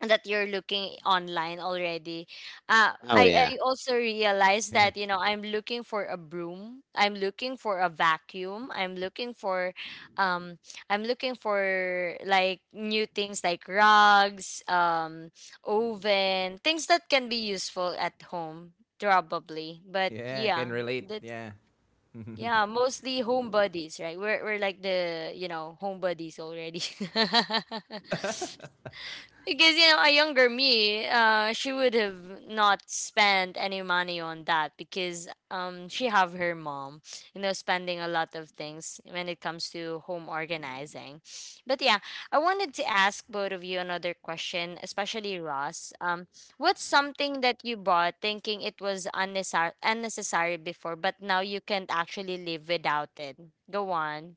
A: that you're looking online already.
B: Oh
A: I
B: yeah.
A: also realized
C: Yeah.
A: that, you know, I'm looking for a broom. I'm looking for a vacuum. Um, I'm looking for like new things like rugs, oven, things that can be useful at home, probably. But
C: Yeah, I can
A: yeah,
C: relate.
A: that's,
C: Yeah. [laughs]
A: yeah, mostly home buddies, right? We're like the, you know, home buddies already. [laughs] Because you know, a younger me, she would have not spent any money on that because she have her mom, you know, spending a lot of things when it comes to home organizing. But yeah, I wanted to ask both of you another question, especially Ross. What's something that you bought thinking it was unnecessary before, but now you can't actually live without it? Go on.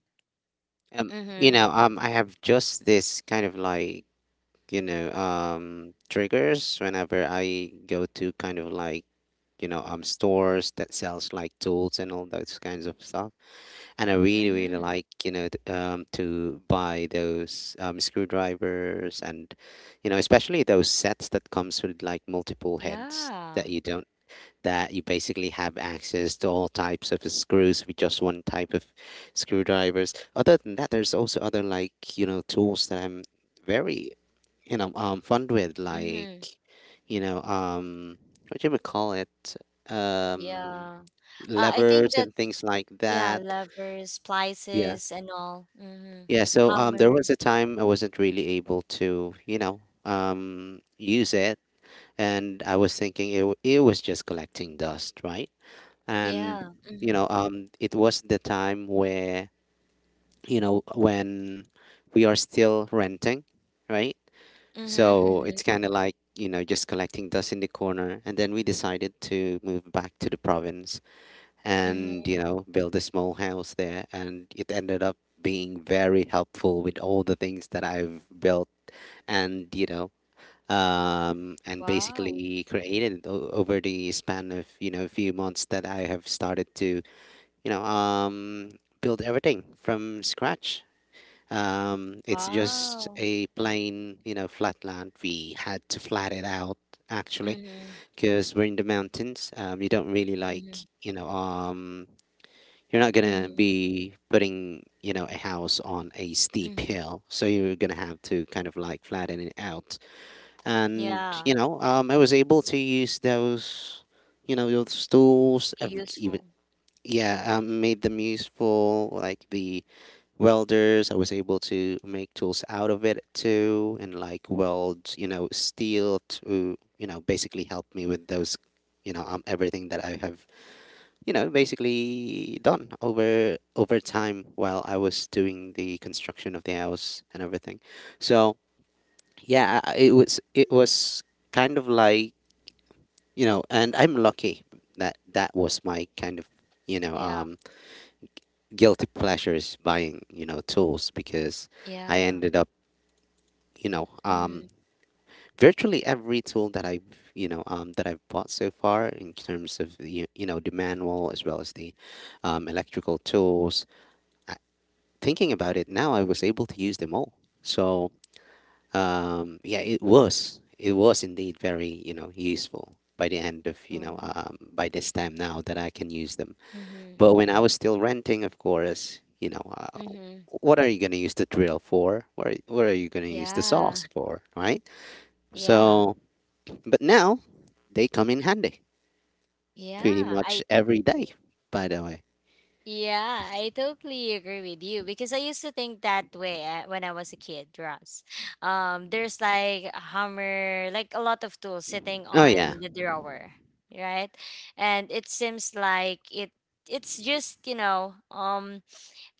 A: Mm-hmm.
B: I have just this kind of like, triggers whenever I go to kind of like, stores that sells like tools and all those kinds of stuff. And I really really
A: Mm-hmm.
B: like to buy those screwdrivers and especially those sets that comes with like multiple heads
A: Yeah.
B: that you don't that you basically have access to all types of screws with just one type of screwdrivers. Other than that, there's also other like tools that I'm very fond with like
A: Mm-hmm.
B: you know um what do we call it, um
A: Yeah. I think
B: levers and
A: that's
B: things like
A: yeah,
B: that.
A: levers,
B: Yeah.
A: splices and all. Mm-hmm.
B: Yeah, so there
A: Hammer.
B: was a time I wasn't really able to, use it, and I was thinking it was just collecting dust, right? And
A: Yeah. Mm-hmm.
B: it was the time where when we are still renting, right?
A: Mm-hmm.
B: So
A: Mm-hmm.
B: it's kind of like just collecting dust in the corner, and then we decided to move back to the province, and
A: Mm-hmm.
B: build a small house there and it ended up being very helpful with all the things that I've built and
A: Wow.
B: basically created it over the span of a few months that I have started to you know um build everything from scratch. It's just
A: Wow.
B: a plain flat land we had to flat it out actually
A: Mm-hmm.
B: because we're in the mountains, you don't really like
A: Mm-hmm.
B: you're not gonna
A: Mm-hmm.
B: be putting, a house on a steep
A: Mm-hmm.
B: hill, so you're gonna have to kind of like flatten it out. And
A: Yeah.
B: I was able to use those, those tools.
A: Really
B: I've even
A: useful.
B: yeah, made them useful, like the welders. I was able to make tools out of it too, and like weld, steel to, basically help me with those, everything that I have basically done over time while I was doing the construction of the house and everything. So yeah, it was kind of like and I'm lucky that that was my kind of you know
A: Yeah.
B: um, guilty pleasures buying tools because I
A: Yeah.
B: ended up you know um,
A: Mm-hmm.
B: virtually every tool that I've you know that I've bought so far in terms of the manual as well as the electrical tools. I, thinking about it now, I was able to use them all. So yeah, it was indeed very useful by the end of
A: Oh.
B: by this time now that I can use them.
A: Mm-hmm.
B: But when I was still renting, of course.
A: Mm-hmm.
B: What are you going to use the drill for? What are you going to use the
A: Yeah.
B: saws for? Right?
A: Yeah.
B: So, but now they come in handy pretty
A: Yeah. I
B: much every day,
A: agree.
B: by the way.
A: Yeah,
C: Nice.
A: I totally agree with you because I used to think that way when I was a kid, Ross. There's like a hammer, like a lot of tools sitting
B: Oh, yeah.
A: on the drawer, right? And it seems like it's just, you know, um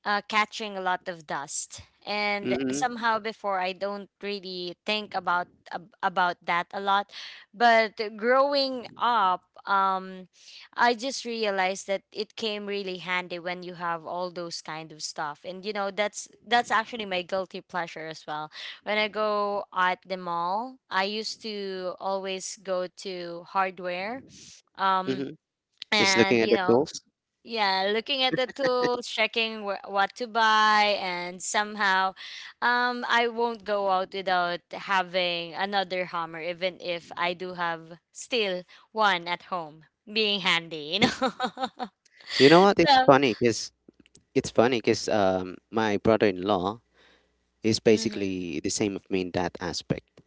A: uh, catching a lot of dust. And
B: Mm-hmm.
A: somehow before I don't really think about that a lot, but growing up, um, I just realized that it came really handy when you have all those kind of stuff. And you know, that's actually my guilty pleasure as well. When I go at the mall, I used to always go to hardware. Um,
B: Mm-hmm. Just looking
A: and
B: at
A: you
B: the
A: know
B: tools.
A: yeah, looking at the tools, checking what to buy, and somehow, I won't go out without having another hammer, even if I do have still one at home, being handy, you know.
B: You know what?
A: [laughs]
B: It's
A: So,
B: funny because It's funny because um, my brother-in-law is
A: mm-hmm,
B: basically the same of me in that aspect.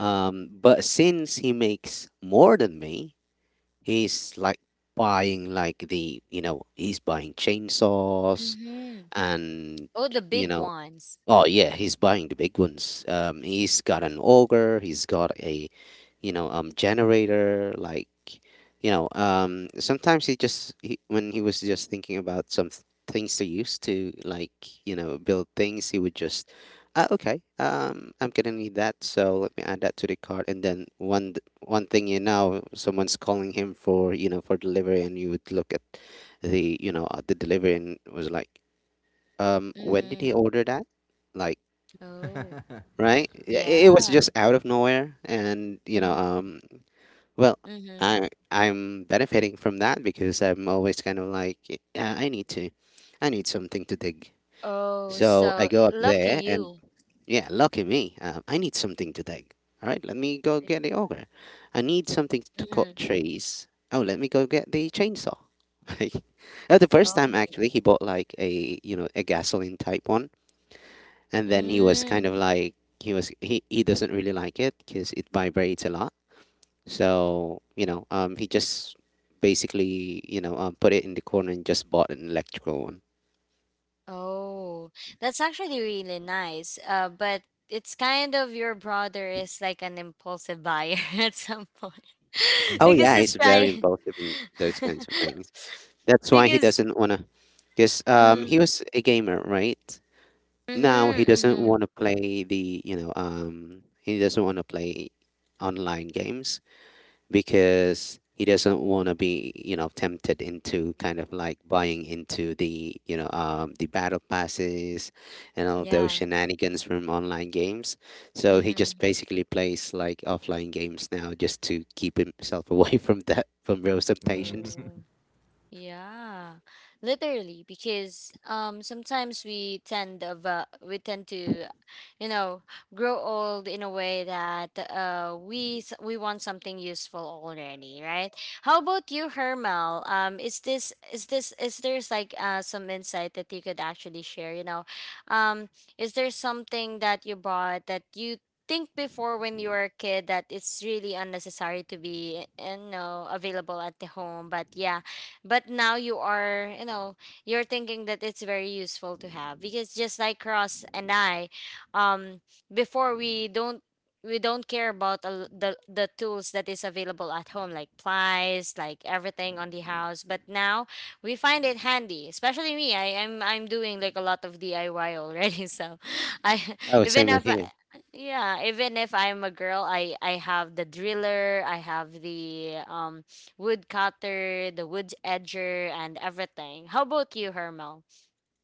B: But since he makes more than me, he's like he's buying chainsaws
A: mm-hmm.
B: and,
A: Oh, the
B: you
A: big
B: know,
A: ones.
B: oh yeah, he's buying the big ones. He's got an auger. He's got a, generator. Sometimes when he was just thinking about some things to use to like, build things, he would just, okay, I'm gonna need that, so let me add that to the cart. And then one thing someone's calling him for delivery, and you would look at the you know at the delivery and was like, when did
A: Mm-hmm.
B: he order that? Like,
A: Oh,
B: right? It was
A: yeah.
B: just out of nowhere, and
A: Mm-hmm,
B: well,
A: mm-hmm.
B: I'm benefiting from that because I'm always kind of like, yeah, I need something to dig.
A: Oh,
B: So I
A: so
B: go up
A: lucky
B: there, and
A: you.
B: yeah, lucky me, I need something to dig. All right, let me go get the auger. I need something to cut
A: Mm-hmm.
B: trees. Oh, let me go get the chainsaw. [laughs] Like, the first time
A: Oh.
B: actually, he bought like a you know a gasoline type one and then he was kind
A: Mm.
B: of like he was he doesn't really like it because it vibrates a lot so he just basically put it in the corner and just bought an electrical one.
A: Oh, that's actually really nice. But it's kind of your brother is like an impulsive buyer [laughs] at some point [laughs]
B: Oh
C: [laughs]
B: yeah,
A: because
B: he's
A: it's
B: very
A: trying
B: impulsive in those
A: [laughs]
B: kinds of things, that's why he
A: because
B: doesn't want to, because he
A: mm,
B: was a gamer, right? Now he doesn't
A: mm-hmm.
B: want to play the you know he doesn't want to play online games because he doesn't want to be tempted into kind of like buying into the the battle passes and all those
A: Yeah,
B: shenanigans from online games, so he just
A: mm-hmm.
B: basically plays like offline games now just to keep himself away [laughs] from those temptations.
A: Oh. Yeah, literally, because sometimes we tend to, you know, grow old in a way that we we want something useful already, right? How about you, Hermel? Is there's like some insight that you could actually share? Um, is there something that you bought that you think before when you were a kid that it's really unnecessary to be, available at the home, but yeah, but now you are, you're thinking that it's very useful to have because just like Ross and I, um before we don't, we don't care about the tools that is available at home like plies like everything on the house, but now we find it handy, especially me. I'm doing like a lot of DIY already [laughs] so I
B: Oh,
A: [laughs]
B: same
A: even
B: with
A: if,
B: here.
A: yeah, even if I'm a girl, I have the driller, I have the wood cutter, the wood edger, and everything. How about you, Hermel?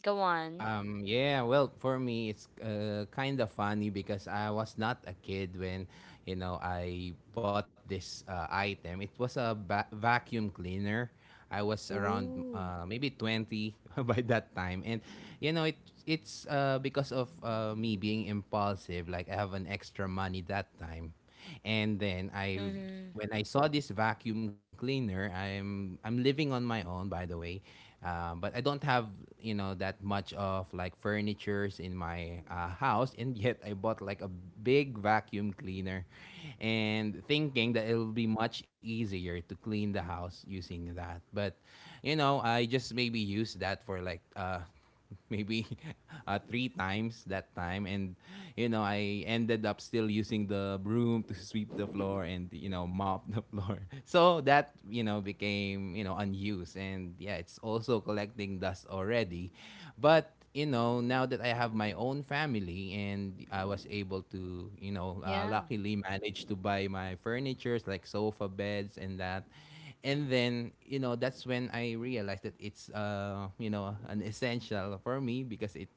A: Go on.
C: Yeah, well, for me, it's kind of funny because I was not a kid when, I bought this item. It was a vacuum cleaner. I was around
A: Ooh.
C: maybe 20 [laughs] by that time. And, you know, it it's because of me being impulsive. Like, I have an extra money that time. And then I
A: Mm-hmm.
C: when I saw this vacuum cleaner, I'm living on my own, by the way, but I don't have that much of like furnitures in my house, and [laughs] yet I bought like a big vacuum cleaner, and thinking that it'll be much easier to clean the house using that. But I just maybe use that for like maybe [laughs] three times that time, and I ended up still using the broom to sweep the floor and mop the floor, [laughs] so that became unused, and yeah, it's also collecting dust already. But now that I have my own family and I was able to
A: Yeah.
C: luckily manage to buy my furnitures like sofa beds and that, and then that's when I realized that it's an essential for me, because it,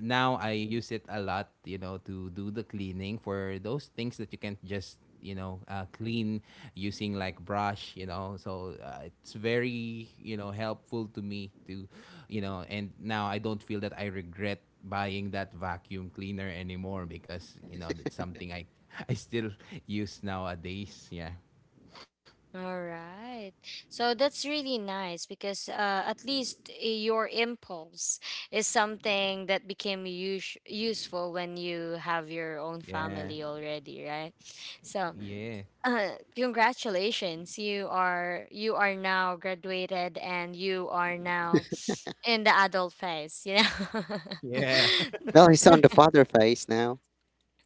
C: now I use it a lot, to do the cleaning for those things that you can't just clean using like brush, so it's very helpful to me to, and now I don't feel that I regret buying that vacuum cleaner anymore, because that's something I [laughs] I still use nowadays. Yeah,
A: All right. So that's really nice because at least your impulse is something that became useful when you have your own
C: yeah,
A: family already, right? So,
C: yeah.
A: Congratulations. You are now graduated and you are now in the adult phase, you know.
C: Yeah. [laughs]
A: [laughs]
B: Well, he's on the father phase now.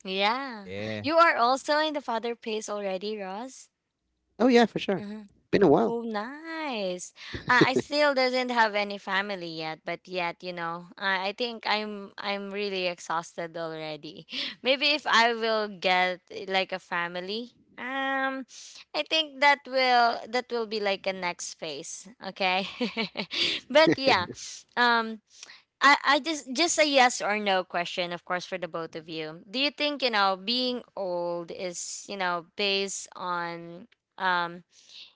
A: Yeah.
C: Yeah.
A: You are also in the father phase already, Ross?
B: Oh yeah, for sure.
A: Mm-hmm.
B: Been a while.
A: Oh, nice. I still doesn't have any family yet, but yet, you know, I think I'm really exhausted already. [laughs] Maybe if I will get eh, like a family, um, I think that will be like a next phase, okay? [laughs] But yeah,
C: [laughs]
A: um, I just a yes or no question, of course, for the both of you. Do you think, you know, being old is, you know, based on um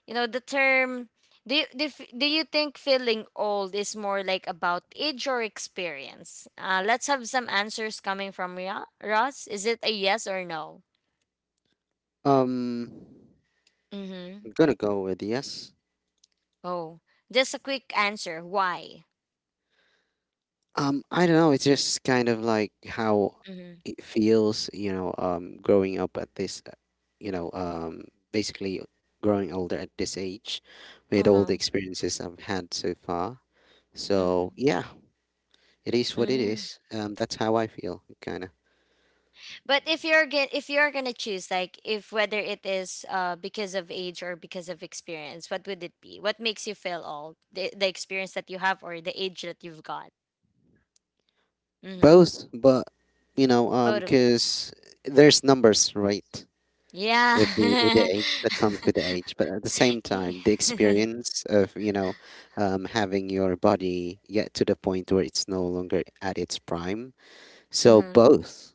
A: you know, the term, do you think feeling old is more like about age or experience? Let's have some answers coming from Ross. Is it a yes or no?
B: um
A: Mm-hmm.
B: I'm gonna go with yes.
A: Oh, just a quick answer. Why?
B: I don't know. It's just kind of like how
A: Mm-hmm.
B: it feels, growing up at this, you know, um, basically growing older at this age with all the
A: Uh-huh.
B: experiences I've had so far. So,
A: Mm-hmm.
B: yeah, it is what it
A: Mm.
B: is. That's how I feel, kind of.
A: But if you're gonna choose, like, if whether it is because of age or because of experience, what would it be? What makes you feel old? The experience that you have or the age that you've got? Mm-hmm.
B: Both, but,
A: Both of it.
B: 'cause there's numbers, right?
A: Yeah.
B: With the age that comes with the age, but at the same time the
A: [laughs] [laughs]
B: experience of having your body get to the point where it's no longer at its prime, so
A: Mhm.
B: both.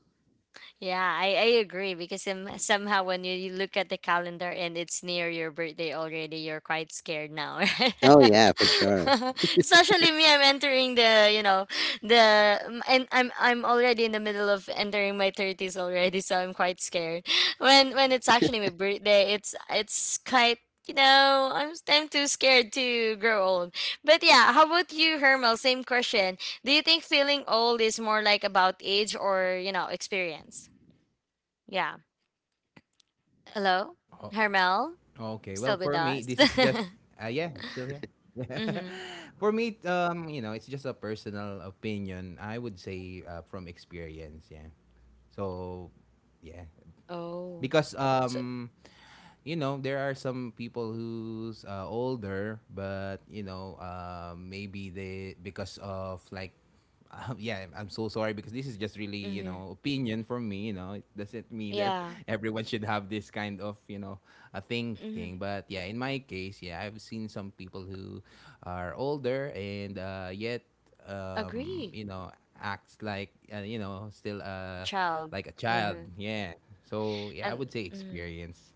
A: Yeah, I agree because somehow when you look at the calendar and it's near your birthday already, you're quite scared now, right?
B: Oh yeah, for sure.
A: [laughs] Especially me, I'm entering the, you know, and I'm already in the middle of entering my thirties already, so I'm quite scared. When it's actually my birthday, it's quite, you know, I'm too scared to grow old. But yeah, how about you, Hermel? Same question. Do you think feeling old is more like about age or, you know, experience? Yeah. Hello,
C: Oh.
A: Hermel,
C: Okay. Well,
A: still
C: for
A: with
C: me,
A: us?
C: this
A: [laughs]
C: is just
A: Mm-hmm.
C: yeah, still here. [laughs] For me, it's just a personal opinion. I would say from experience. Yeah. So, yeah.
A: Oh,
C: Because
A: so,
C: there are some people who's older, but maybe they, because of like, [laughs] yeah, I'm so sorry because this is just really
A: mm-hmm.
C: opinion from me, it doesn't mean that
A: Yeah.
C: [laughs] everyone should have this kind of a thinking,
A: Mm-hmm.
C: but yeah, in my case, yeah, I've seen some people who are older, and yet um
A: Agree,
C: you know acts like, still
A: child.
C: like a child,
A: Mm-hmm.
C: yeah. So yeah, I
A: And
C: would say
A: mhm.
C: experience.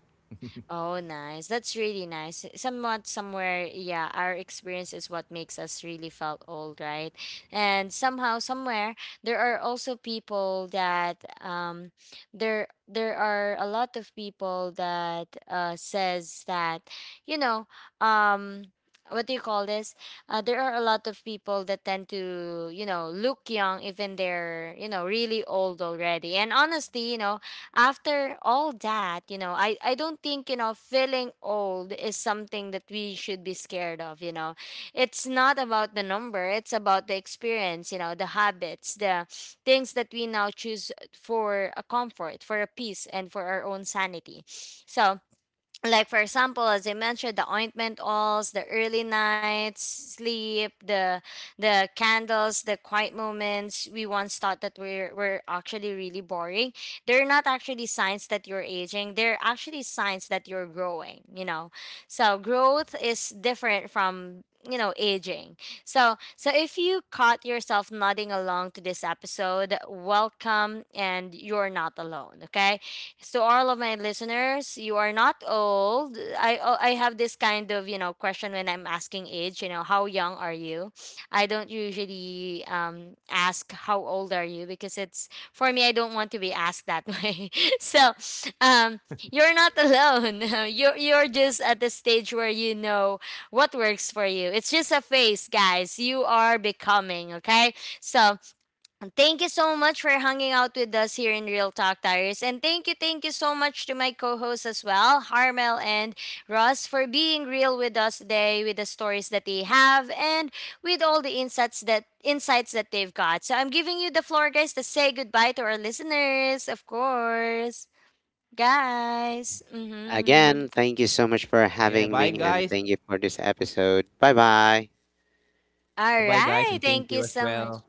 A: Oh, nice. That's really nice. Somewhat, somewhere, yeah, our experience is what makes us really felt old, right? And somehow, somewhere, there are also people that there are a lot of people that says that, you know, um. What do you call this? There are a lot of people that tend to, you know, look young, even they're, you know, really old already. And honestly, you know, after all that, you know, I don't think, you know, feeling old is something that we should be scared of, you know. It's not about the number, it's about the experience, you know, the habits, the things that we now choose for a comfort, for a peace, and for our own sanity. So, like for example, as I mentioned, the ointment oils, the early nights sleep, the candles, the quiet moments we once thought that were actually really boring, they're not actually signs that you're aging, they're actually signs that you're growing, you know. So
C: Yeah.
A: growth is different from, you know, aging. So if you caught yourself nodding along to this episode, welcome, and you're not alone, okay? So all of my listeners, you are not old. I Oh, I have this kind of, you know, question when I'm asking age, you know, how young are you? I don't usually ask how old are you because it's for me, I don't want to be asked that [laughs] way. So, um you're not alone. [laughs] You're just at the stage where you know what works for you. It's just a phase, guys. You are becoming, okay? So, thank you so much for hanging out with us here in Real Talk Tires. And thank you so much to my co hosts as well, Harmel and Ross, for being real with us today with the stories that they have and with all the insights that they've got. So I'm giving you the floor, guys, to say goodbye to our listeners, of course. Guys.
B: Again,
A: Mm-hmm.
B: thank you so
C: Yeah.
B: much
C: Bye,
B: for
C: guys.
B: having me and thank you for this episode, bye bye.
C: Bye
A: All
C: bye, guys,
A: right.
C: and thank
A: Thank you
C: you as
A: so much.
C: well.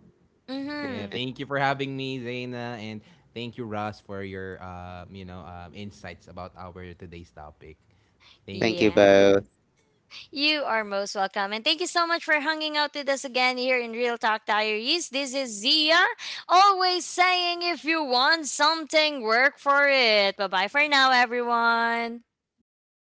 C: Yeah,
A: Mm-hmm.
C: thank you for having me, Zaina, and thank you, Ross, for your insights about our today's topic. Thank
B: Thank you
C: you.
A: Yeah.
B: both.
A: You are most welcome. And thank you so much for hanging out with us again here in Real Talk Diaries. This is Zia, always saying if you want something, work for it. Bye bye for now, everyone.
B: Bye bye.